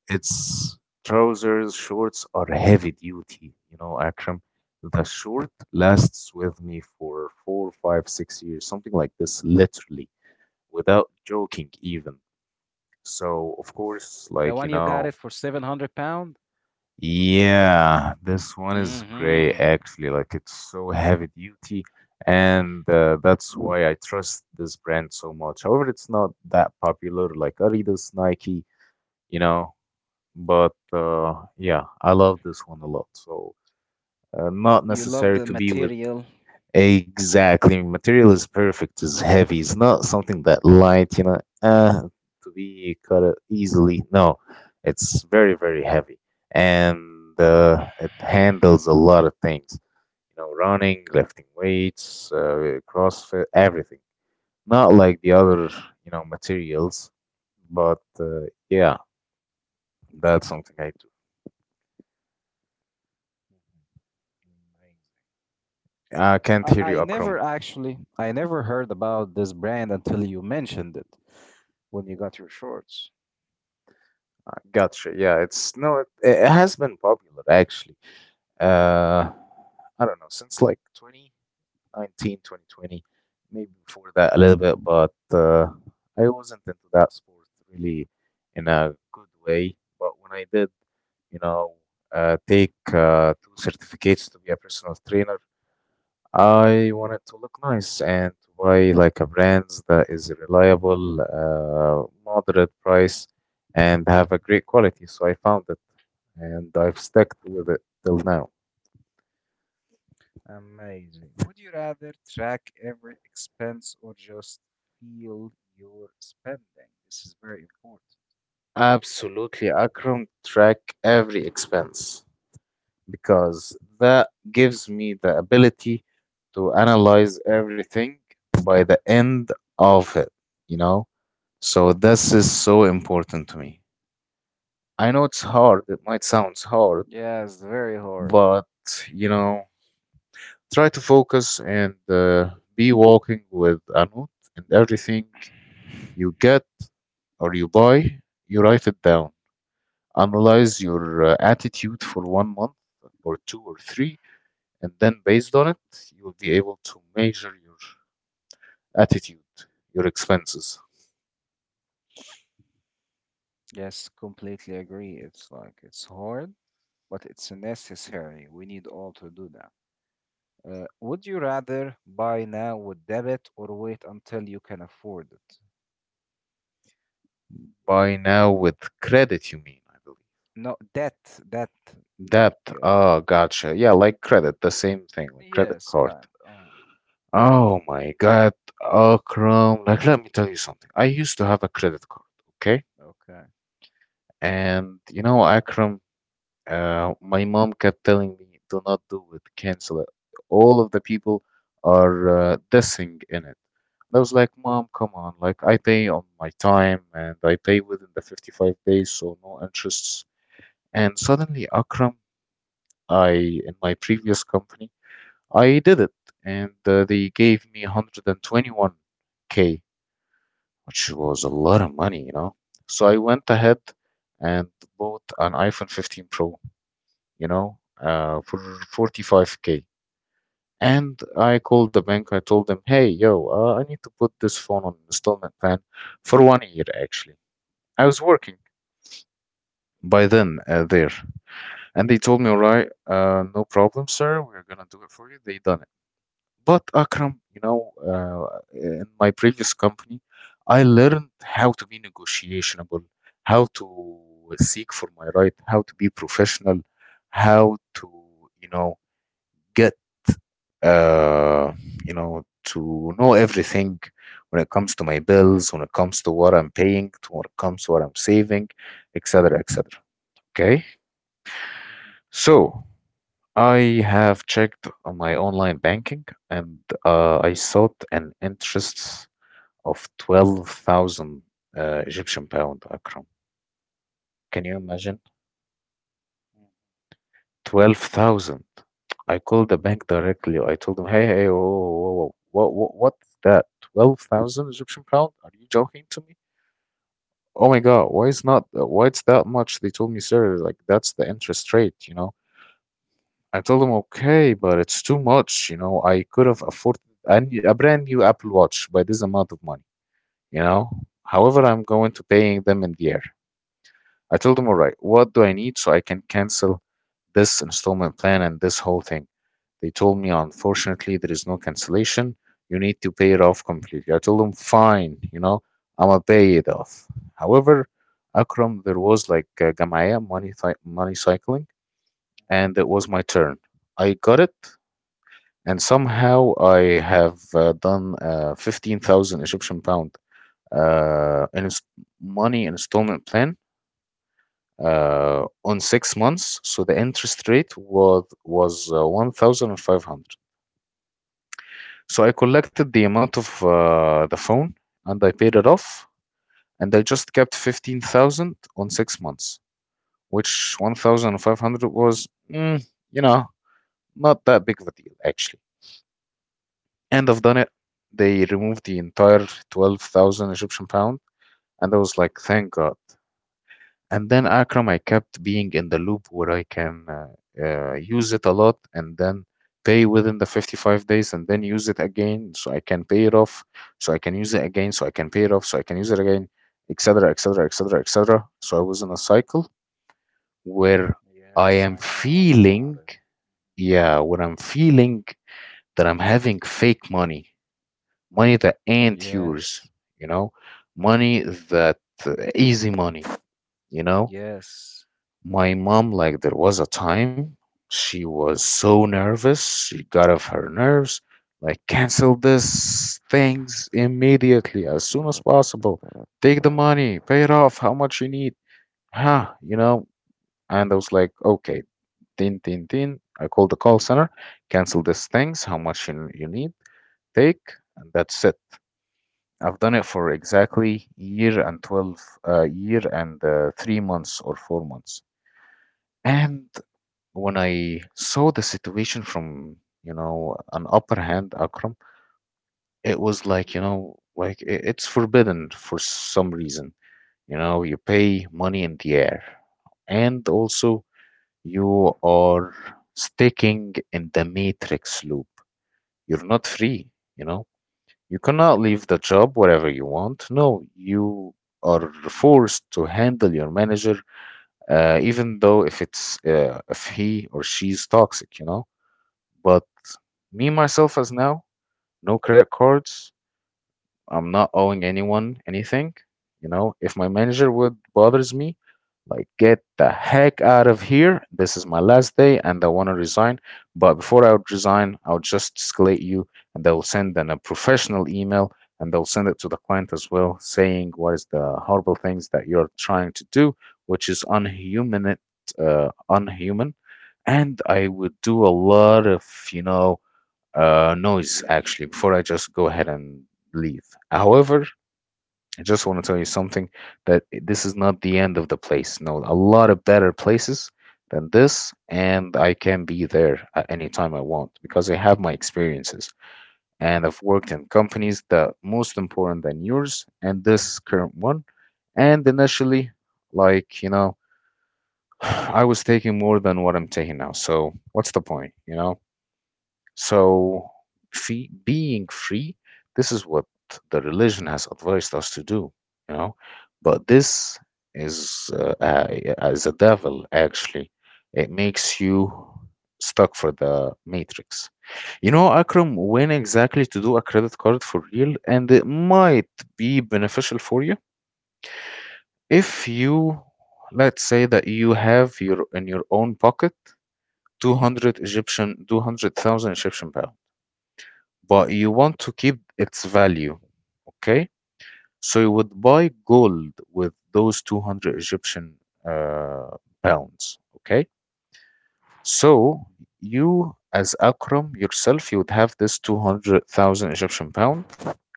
Speaker 2: its trousers, shorts are heavy duty. You know, Akram, the short lasts with me for 4, 5, 6 years, something like this, literally, without joking even. So, of course,
Speaker 1: The one
Speaker 2: like,
Speaker 1: you
Speaker 2: you
Speaker 1: got it
Speaker 2: know,
Speaker 1: for 700 pound.
Speaker 2: yeah, this one is great
Speaker 1: Mm-hmm.
Speaker 2: actually. Like it's so heavy duty, and that's why I trust this brand so much. However, it's not that popular like Adidas, Nike, you know. But yeah, I love this one a lot. So not
Speaker 1: You love
Speaker 2: necessary
Speaker 1: the
Speaker 2: to be with.
Speaker 1: material.
Speaker 2: Exactly. Material is perfect. It's heavy. It's not something that light, you know, to be cut it easily. No, it's very, very heavy. And it handles a lot of things, you know, running, lifting weights, CrossFit, everything. Not like the other, you know, materials, but yeah, that's something I do.
Speaker 1: Mhm. Amazing.
Speaker 2: I can't
Speaker 1: I,
Speaker 2: hear
Speaker 1: I
Speaker 2: you,
Speaker 1: never
Speaker 2: Akram.
Speaker 1: actually I never heard about this brand until you mentioned it when you got your shorts.
Speaker 2: Gotcha. Yeah, it's no, it has been popular actually. Uh, I don't know, since like 2019, 2020, maybe before that a little bit, but I wasn't into that sport really in a good way. But when I did, you know, take two certificates to be a personal trainer, I want it to look nice and to buy like a brand that is reliable, moderate price, and have a great quality. So I found it and I've stuck with it till now.
Speaker 1: Amazing. Would you rather track every expense or just feel your spending? This is very important.
Speaker 2: Absolutely. I can track every expense because that gives me the ability to analyze everything by the end of it, you know? So this is so important to me. I know it's hard, it might sound hard.
Speaker 1: Yes, very hard.
Speaker 2: But, you know, try to focus and be walking with a note and everything you get or you buy, you write it down. Analyze your attitude for one month or two or three, and then based on it, you will be able to measure your attitude, your expenses.
Speaker 1: Yes, completely agree. It's like, it's hard, but it's necessary. We need all to do that. Would you rather buy now with debit or wait until you can afford it?
Speaker 2: Buy now with credit, you mean, I believe.
Speaker 1: No, debt,
Speaker 2: That,
Speaker 1: like,
Speaker 2: gotcha. Yeah, like credit, the same thing, like credit
Speaker 1: yes,
Speaker 2: card.
Speaker 1: kind.
Speaker 2: Oh my God, Akram. Like, let me tell you something. I used to have a
Speaker 1: Mm,
Speaker 2: credit card, okay?
Speaker 1: okay.
Speaker 2: And you know, Akram, my mom kept telling me, do not do it, cancel it. All of the people are dissing in it. And I was like, Mom, come on. Like, I pay on my time and I pay within the 55 days, so no interests. And suddenly, Akram, I, in my previous company, I did it. And they gave me 121K, which was a lot of money, you know. So I went ahead and bought an iPhone 15 Pro, you know, for 45K. And I called the bank. I told them, hey, yo, I need to put this phone on installment plan for one year, actually. I was working by
Speaker 1: Mm,
Speaker 2: then there. And they told me, all right, no problem, sir. We're going to do it for you. They done it. But Akram, you know, in my previous company, I learned how to be negotiable, how to seek for my right, how to be professional, how to, you know, get, uh, you know, to know everything when it comes to my bills, when it comes to what I'm paying, to when it comes to what I'm saving, etc., etc. Okay,
Speaker 1: mhm,
Speaker 2: so I have checked on my online banking and I sought an interest of 12,000 Egyptian pound, Akram. Can you imagine?
Speaker 1: mm.
Speaker 2: 12,000. I called the bank directly. I told them, hey, hey, whoa, whoa, whoa. What's that? 12,000 Egyptian pound? Are you joking to me? Oh my God, why is not, why it's that much? They told me, sir, like that's the interest rate, you know? I told them, okay, but it's too much, you know? I could have afforded a brand new Apple Watch by this amount of money, you know? However, I'm going to paying them in the air. I told them, all right, what do I need so I can cancel this installment plan and this whole thing? They told me, unfortunately, there is no cancellation. You need to pay it off completely. I told them, fine, you know, I'm gonna pay it off. However, Akram, there was like Gamaya money, money cycling, and it was my turn. I got it, and somehow I have done 15,000 Egyptian pound in money installment plan on 6 months. So the interest rate was 1,500. So I collected the amount of the phone and I paid it off, and I just kept 15,000 on 6 months, which 1,500 was, you know, not that big of a deal actually. And I've done it. They removed the entire 12,000 Egyptian pound, and I was like, thank God. And then Akram, I kept being in the loop where I can use it a lot and then pay within the 55 days and then use it again so I can pay it off, so I can use it again, so I can pay it off, so I can use it again, etc., etc., etc., etc. So I was in a cycle where I
Speaker 1: Yes,
Speaker 2: am
Speaker 1: I know all about
Speaker 2: feeling,
Speaker 1: it.
Speaker 2: yeah, where I'm feeling that I'm having fake money, money that ain't yours,
Speaker 1: Yes,
Speaker 2: you know, money that easy money, you know.
Speaker 1: yes.
Speaker 2: My mom, like, there was a time she was so nervous, she got off her nerves, like, cancel this things immediately, as soon as possible. Take the money, pay it off, how much you need. Huh, you know? And I was like, okay, tin, tin, tin. I called the call center, cancel these things, how much you need, take, and that's it. I've done it for exactly year and 3 months or 4 months. And when I saw the situation from, you know, an upper hand, Akram, it was like, you know, like it's forbidden for some reason. You know, you pay money in the air. And also, you are sticking in the matrix loop. You're not free, you know. You cannot leave the job wherever you want. No, you are forced to handle your manager, even though if it's if he or she's toxic, you know. But me, myself, as now, no credit cards. I'm not owing anyone anything. You know, if my manager would bothers me, like get the heck out of here. This is my last day, and I want to resign. But before I would resign, I'll just escalate you, and they'll send them a professional email, and they'll send it to the client as well, saying what is the horrible things that you're trying to do, which is unhuman. Unhuman. And I would do a lot of, you know, noise, actually, before I just go ahead and leave. However, I just want to tell you something that this is not the end of the place. No, a lot of better places than this, and I can be there at any time I want because I have my experiences and I've worked in companies that most important than yours and this current one. And initially, like, you know, [sighs] I was taking more than what I'm taking now. So what's the point, you know? So, free, being free, this is what the religion has advised us to do, you know. But this is uh, uh, is a devil actually. It makes you stuck for the matrix. You know, Akram, when exactly to do a credit card for real, and it might be beneficial for you if you, let's say that you have your in your own pocket 200,000 Egyptian pound but you want to keep its value. Okay, so you would buy gold with those 200 Egyptian uh, pounds. Okay, so
Speaker 1: Mhm.
Speaker 2: you as Akram yourself, you would have this 200,000 Egyptian pound,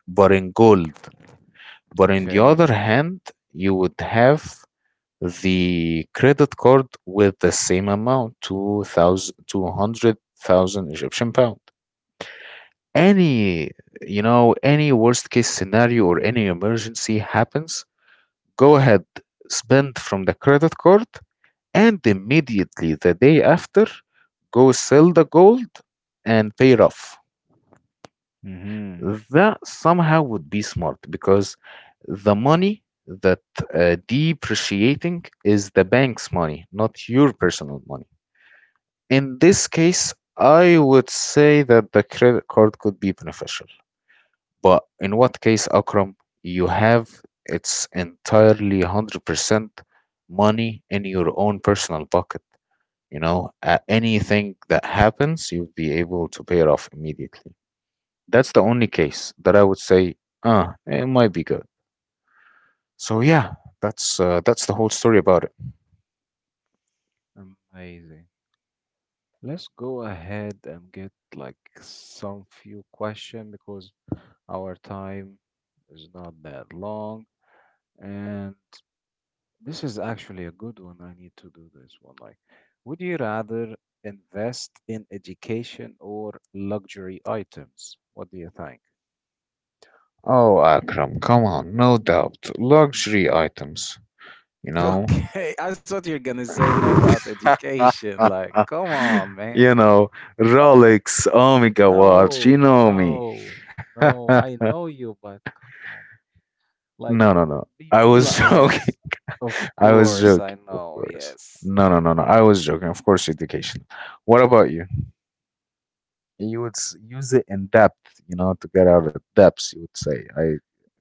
Speaker 2: but in gold. But in the
Speaker 1: Okay.
Speaker 2: other hand, you would have the credit card with the same amount, 2,000 200,000 Egyptian pound. Any, you know, any worst case scenario or any emergency happens, go ahead, spend from the credit card, and immediately the day after go sell the gold and pay it off.
Speaker 1: Mm-hmm.
Speaker 2: That somehow would be smart because the money that depreciating is the bank's money, not your personal money. In this case, I would say that the credit card could be beneficial. But in what case, Akram, you have it's entirely 100% money in your own personal pocket. You know, anything that happens, you'll be able to pay it off immediately. That's the only case that I would say, it might be good. So yeah, that's the whole story about it.
Speaker 1: Amazing. Let's go ahead and get like some few question because our time is not that long, and this is actually a good one. I need to do this one. Like, would you rather invest in education or luxury items? What do you think? [laughs]
Speaker 2: Oh, Akram, come on, no doubt. Luxury items, you know,
Speaker 1: Okay, I thought you're gonna say no doubt education.
Speaker 2: [laughs]
Speaker 1: Like, come on, man.
Speaker 2: you know, Rolex, Omega watch, you
Speaker 1: No,
Speaker 2: know me.
Speaker 1: no,
Speaker 2: [laughs]
Speaker 1: no.
Speaker 2: No,
Speaker 1: I know you, but come on, man. Like,
Speaker 2: no, no. I
Speaker 1: be
Speaker 2: was
Speaker 1: like
Speaker 2: joking.
Speaker 1: yes. Of
Speaker 2: [laughs] I was
Speaker 1: course, I
Speaker 2: joking, of
Speaker 1: know.
Speaker 2: course.
Speaker 1: Yes,
Speaker 2: No, no, no, no. I was joking. Of course, education. What about you? You would use it in depth, to get out of depths, you would say. I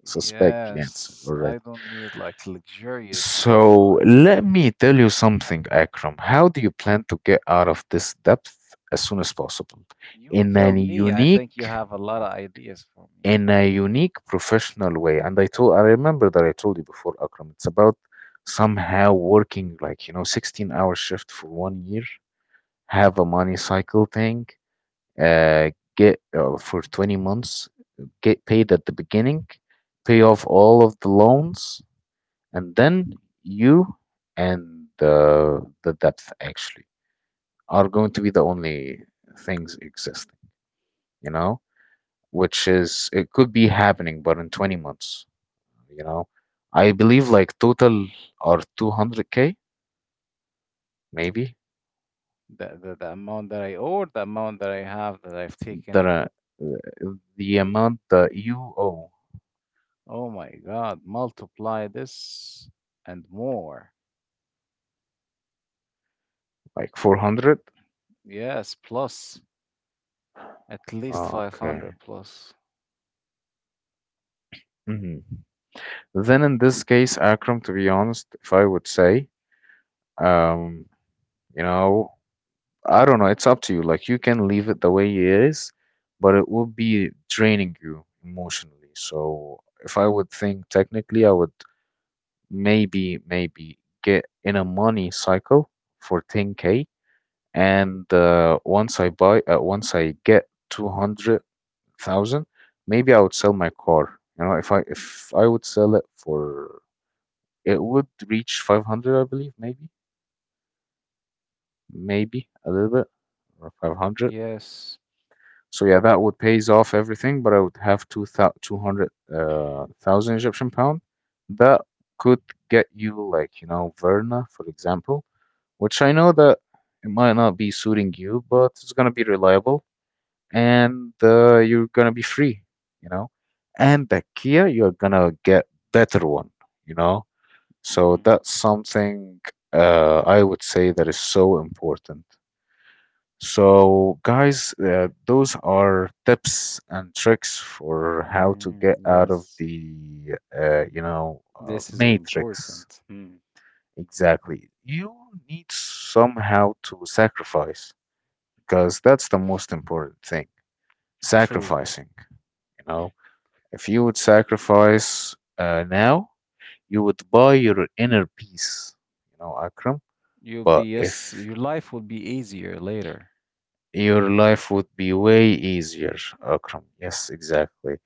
Speaker 2: suspect the answer
Speaker 1: yes. I
Speaker 2: already.
Speaker 1: don't need like luxurious stuff.
Speaker 2: So
Speaker 1: I.
Speaker 2: let me tell you something, Akram. How do you plan to get out of this depth as soon as possible?
Speaker 1: You
Speaker 2: In
Speaker 1: tell
Speaker 2: a
Speaker 1: me. I think you
Speaker 2: unique
Speaker 1: have a lot of ideas for me.
Speaker 2: in a unique professional way. And I remember that I told you before, Akram, it's about somehow working, like, 16-hour shift for one year, have a money cycle thing, uh, get for 20 months, get paid at the beginning, pay off all of the loans, and then you and the depth actually are going to be the only things existing, you know, it could be happening, but in 20 months. you know I believe, like, total are 200K, maybe.
Speaker 1: The amount that I owe, the amount that I have that I've taken.
Speaker 2: The amount that you owe,
Speaker 1: Oh my God, multiply this and more.
Speaker 2: like 400.
Speaker 1: Yes, plus at least 500
Speaker 2: Okay.
Speaker 1: plus.
Speaker 2: Hmm then in this case, Akram, to be honest, if I would say, um you know I don't know. It's up to you. Like, you can leave it the way it is, but it would be draining you emotionally. So if I would think technically, I would maybe get in a money cycle for 10K. And once I get 200,000, maybe I would sell my car. If I would sell it, for it would reach 500, I believe. Maybe a little bit, or 500.
Speaker 1: Yes.
Speaker 2: So yeah, that would pays off everything. But I would have 200 thousand Egyptian pound, that could get you, like, Verna, for example, which I know that it might not be suiting you, but it's gonna be reliable. And you're gonna be free, you know. And the Kia, you're gonna get better one, you know. So
Speaker 1: Hmm.
Speaker 2: that's something, I would say, that is so important. So, guys, those are tips and tricks for how to
Speaker 1: Mm,
Speaker 2: get out of
Speaker 1: yes,
Speaker 2: the
Speaker 1: this is
Speaker 2: matrix.
Speaker 1: important. Hmm.
Speaker 2: Exactly. You need somehow to sacrifice, because that's the most important thing,
Speaker 1: True.
Speaker 2: sacrificing. You know, if you would sacrifice now, you would buy your inner peace, you know, Akram.
Speaker 1: You'll
Speaker 2: But
Speaker 1: be, yes,
Speaker 2: if
Speaker 1: your life will be easier later.
Speaker 2: your life would be way easier, Akram. Yes, exactly.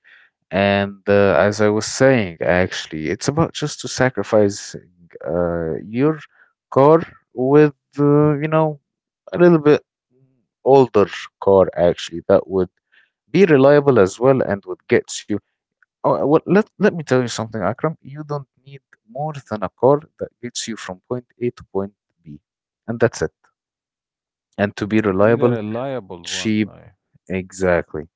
Speaker 2: And as I was saying, actually, it's about just to sacrifice your car with, a little bit older car, actually, that would be reliable as well and would get you. Oh, well, let me tell you something, Akram. You don't need more than a car that gets you from point A to point B. And that's it. And to be
Speaker 1: You need a
Speaker 2: reliable,
Speaker 1: reliable one.
Speaker 2: cheap, exactly.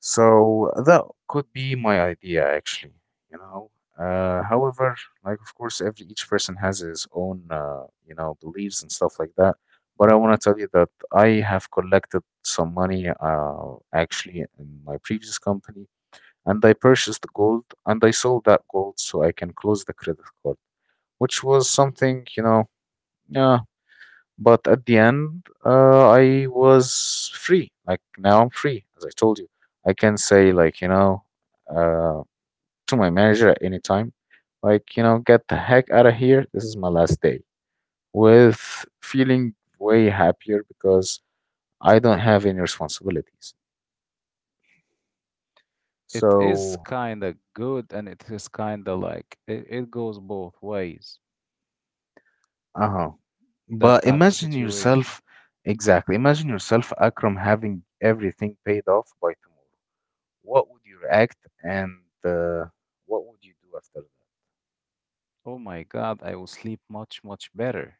Speaker 2: So that could be my idea, actually. You know, However, like, of course, every each person has his own, beliefs and stuff like that. But I want to tell you that I have collected some money, actually, in my previous company, and I purchased gold and I sold that gold so I can close the credit card, which was something, yeah, but at the end, I was free. Like, now I'm free, as I told you. I can say, like, uh, to my manager at any time, like, get the heck out of here. This is my last day, with feeling way happier, because I don't have any responsibilities.
Speaker 1: It is
Speaker 2: So,
Speaker 1: kind of good, and it is kind of like, it goes both ways,
Speaker 2: uh-huh.
Speaker 1: that
Speaker 2: But
Speaker 1: type of
Speaker 2: imagine
Speaker 1: situation.
Speaker 2: yourself, exactly. Imagine yourself, Akram, having everything paid off by tomorrow. What would you react, and uh, what would you do after that?
Speaker 1: Oh my God, I will sleep much, much better,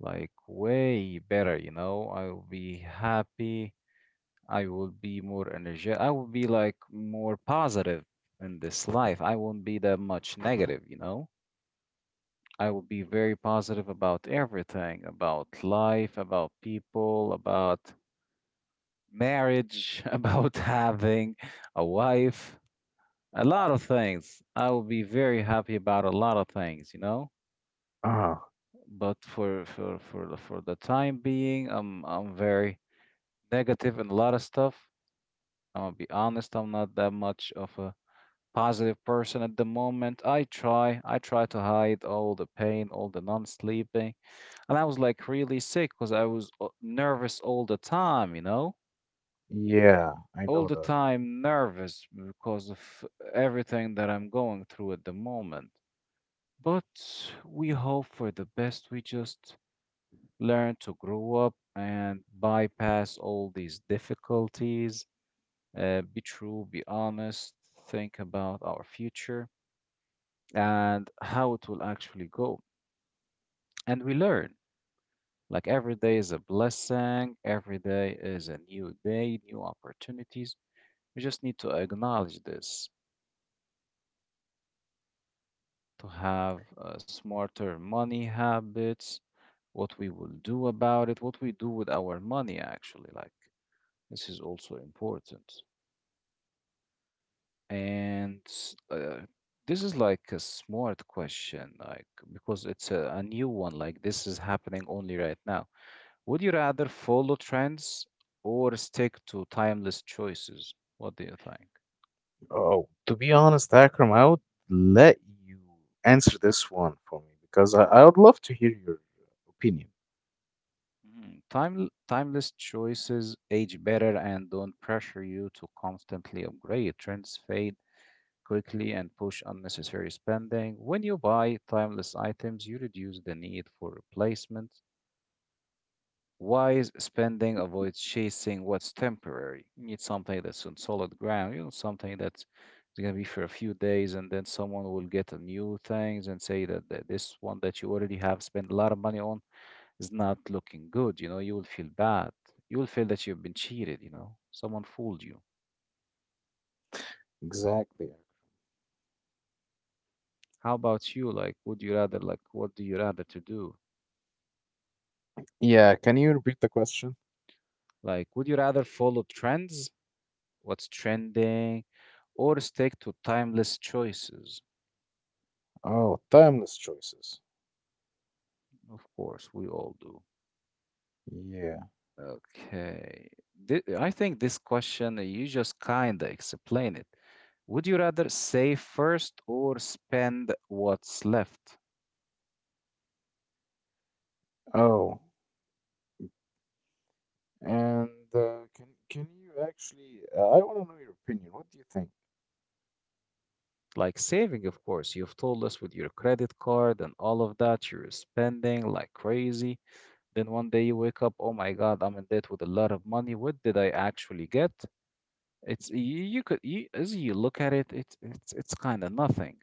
Speaker 1: like way better, you know. I will be happy. I will be more energetic. I will be like more positive in this life. I won't be that much negative, you know. I will be very positive about everything, about life, about people, about marriage, [laughs] about having a wife, a lot of things. I will be very happy about a lot of things, you know.
Speaker 2: Ah,
Speaker 1: But for the time being, I'm very negative in a lot of stuff. I'm gonna be honest. I'm not that much of a positive person at the moment. I try. I try to hide all the pain, all the non-sleeping, and I was like really sick because I was nervous all the time, you know,
Speaker 2: yeah, I
Speaker 1: all the
Speaker 2: know that.
Speaker 1: time nervous because of everything that I'm going through at the moment. But we hope for the best. We just learn to grow up and bypass all these difficulties, be true, be honest, think about our future and how it will actually go. And we learn. Like, every day is a blessing, every day is a new day, new opportunities. We just need to acknowledge this, to have smarter money habits, what we will do about it, what we do with our money, actually. Like, this is also important. And s- uh, this is like a smart question, like, because it's a new one, like, this is happening only right now. Would you rather follow trends or stick to timeless choices? What do you think?
Speaker 2: Oh, to be honest, Akram, I would let you answer this one for me, because I would love to hear your opinion.
Speaker 1: Mhm. Timeless choices age better and don't pressure you to constantly upgrade. Trends fade quickly and push unnecessary spending. When you buy timeless items, you reduce the need for replacements. Wise spending avoids chasing what's temporary. You need something that's on solid ground, you know, something that's going to be for a few days, and then someone will get a new things and say that, that this one that you already have spent a lot of money on is not looking good, you know, you will feel bad. You will feel that you've been cheated, you know. Someone fooled you.
Speaker 2: Exactly, Akram.
Speaker 1: How about you? Like, would you rather, like, what do you rather to do?
Speaker 2: Yeah, can you repeat the question?
Speaker 1: Like, would you rather follow trends, what's trending, or stick to timeless choices?
Speaker 2: Oh, timeless choices.
Speaker 1: Of course, we all do.
Speaker 2: Yeah.
Speaker 1: Okay. I think this question, you just kind of explain it. Would you rather save first or spend what's left?
Speaker 2: Oh, and can you actually? I want to know your opinion. What do you think?
Speaker 1: Like, saving, of course, you've told us with your credit card and all of that, you're spending like crazy. Then one day you wake up, oh my God, I'm in debt with a lot of money. What did I actually get? It's you, you could you, as you look at it, it's it's kind of nothing.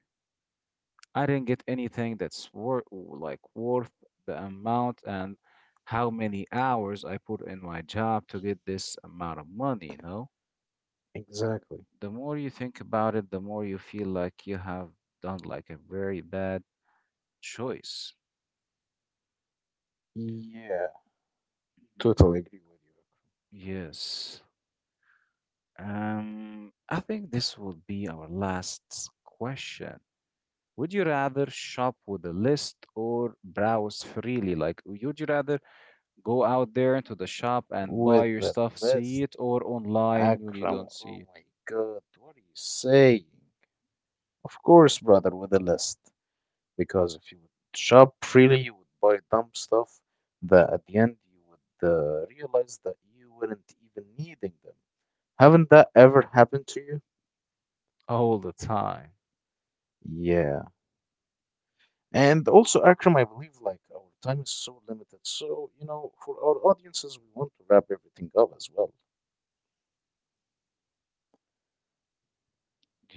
Speaker 1: I didn't get anything that's worth like worth the amount and how many hours I put in my job to get this amount of money, you know?
Speaker 2: Exactly.
Speaker 1: The more you think about it, the more you feel like you have done like a very bad choice.
Speaker 2: Yeah, totally agree with you.
Speaker 1: Yes. I think this will be our last question. Would you rather shop with a list or browse freely? Like, would you rather go out there into the shop and buy
Speaker 2: With
Speaker 1: your
Speaker 2: the
Speaker 1: stuff, see
Speaker 2: list,
Speaker 1: it, or online when you
Speaker 2: Akram.
Speaker 1: don't see
Speaker 2: Oh
Speaker 1: it
Speaker 2: my God, what are you saying? Of course, brother, with the list. Because if you would shop freely, you would buy dumb stuff that at the end you would realize that you weren't even needing them. Haven't that ever happened to you?
Speaker 1: all the time?
Speaker 2: Yeah. And also, Akram, I believe, like, our time is so limited. So, for our audiences, we want to wrap everything up as well.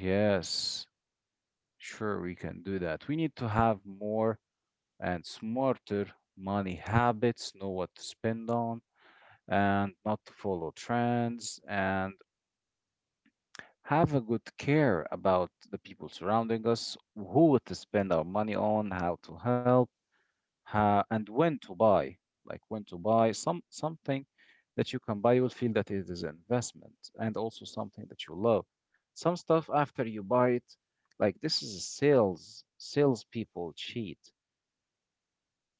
Speaker 1: Yes, sure, we can do that. We need to have more and smarter money habits, know what to spend on, and not to follow trends, and have a good care about the people surrounding us, who to spend our money on, how to help, how, and when to buy. Like, when to buy some something that you can buy, you will feel that it is an investment and also something that you love. Some stuff after you buy it, like, this is a salespeople cheat.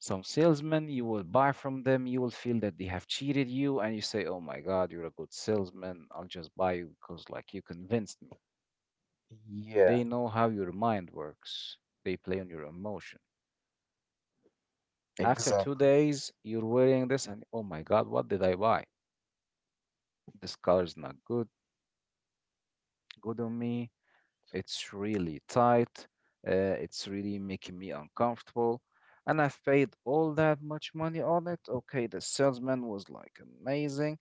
Speaker 1: Some salesmen you will buy from them, you will feel that they have cheated you, and you say, "Oh my God, you're a good salesman. I'll just buy you because like you convinced me."
Speaker 2: Yeah,
Speaker 1: They know how your mind works. They play on your emotion. After two
Speaker 2: exactly.
Speaker 1: days, you're wearing this, and oh my God, what did I buy? This color's not good, good on me. It's really tight. It's really making me uncomfortable. And I've paid all that much money on it. Okay, the salesman was like amazing,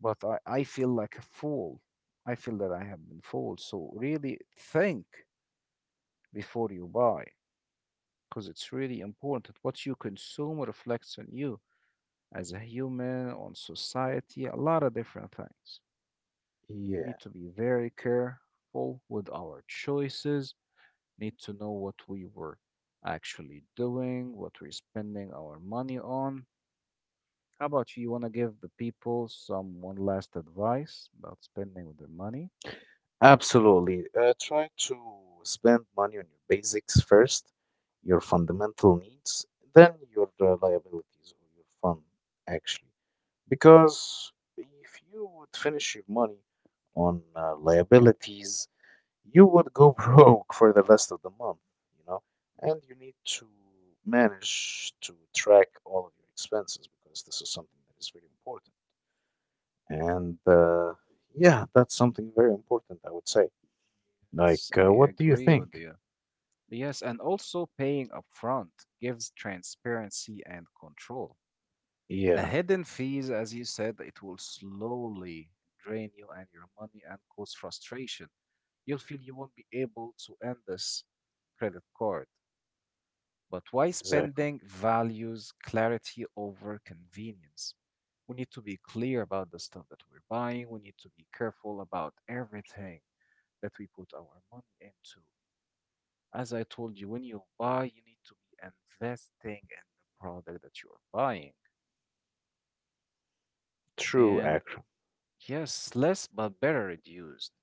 Speaker 1: but I feel like a fool. I feel that I have been fooled. So really think before you buy, because it's really important. That What you consume reflects on you as a human, on society, a lot of different things. We
Speaker 2: Yeah.
Speaker 1: need to be very careful with our choices, need to know what we were actually doing, what we're spending our money on. How about you? You want to give the people some one last advice about spending with their money?
Speaker 2: Absolutely. Try to spend money on your basics first, your fundamental needs, then your liabilities or your fun, actually. Because if you would finish your money on liabilities, you would go [laughs] broke for the rest of the month, you know? And you need to manage to track all of your expenses, because this is something that is very important. And yeah, that's something very important, I would say. Like,
Speaker 1: Yes, I
Speaker 2: what do you
Speaker 1: agree with
Speaker 2: think?
Speaker 1: you. Yes, and also paying upfront gives transparency and control. The
Speaker 2: Yeah,
Speaker 1: hidden fees, as you said, it will slowly drain you and your money and cause frustration. You'll feel you won't be able to end this credit card. But why
Speaker 2: exactly.
Speaker 1: spending values clarity over convenience? We need to be clear about the stuff that we're buying. We need to be careful about everything that we put our money into. As I told you, when you buy, you need to be investing in the product that you're buying.
Speaker 2: True,
Speaker 1: And
Speaker 2: Akram.
Speaker 1: yes, less but better reduced.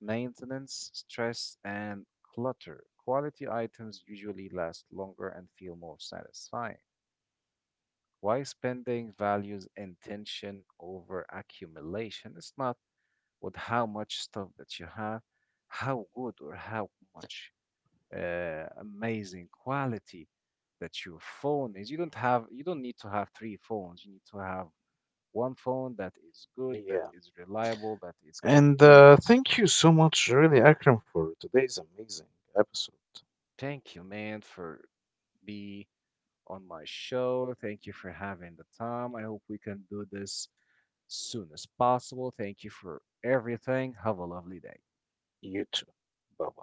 Speaker 1: Maintenance, stress, and clutter. Quality items usually last longer and feel more satisfying. Why spending values intention over accumulation? It's not with how much stuff that you have, how good or how much amazing quality that your phone is. You don't have, you don't need to have three phones. You need to have one phone that is good, that
Speaker 2: Yeah.
Speaker 1: is reliable, that is
Speaker 2: And
Speaker 1: convenient.
Speaker 2: thank you so much, really, Akram, for today's amazing episode.
Speaker 1: Thank you, man, for be on my show. Thank you for having the time. I hope we can do this soon as possible. Thank you for everything. Have a lovely day. Bye.
Speaker 2: You too. Bye bye.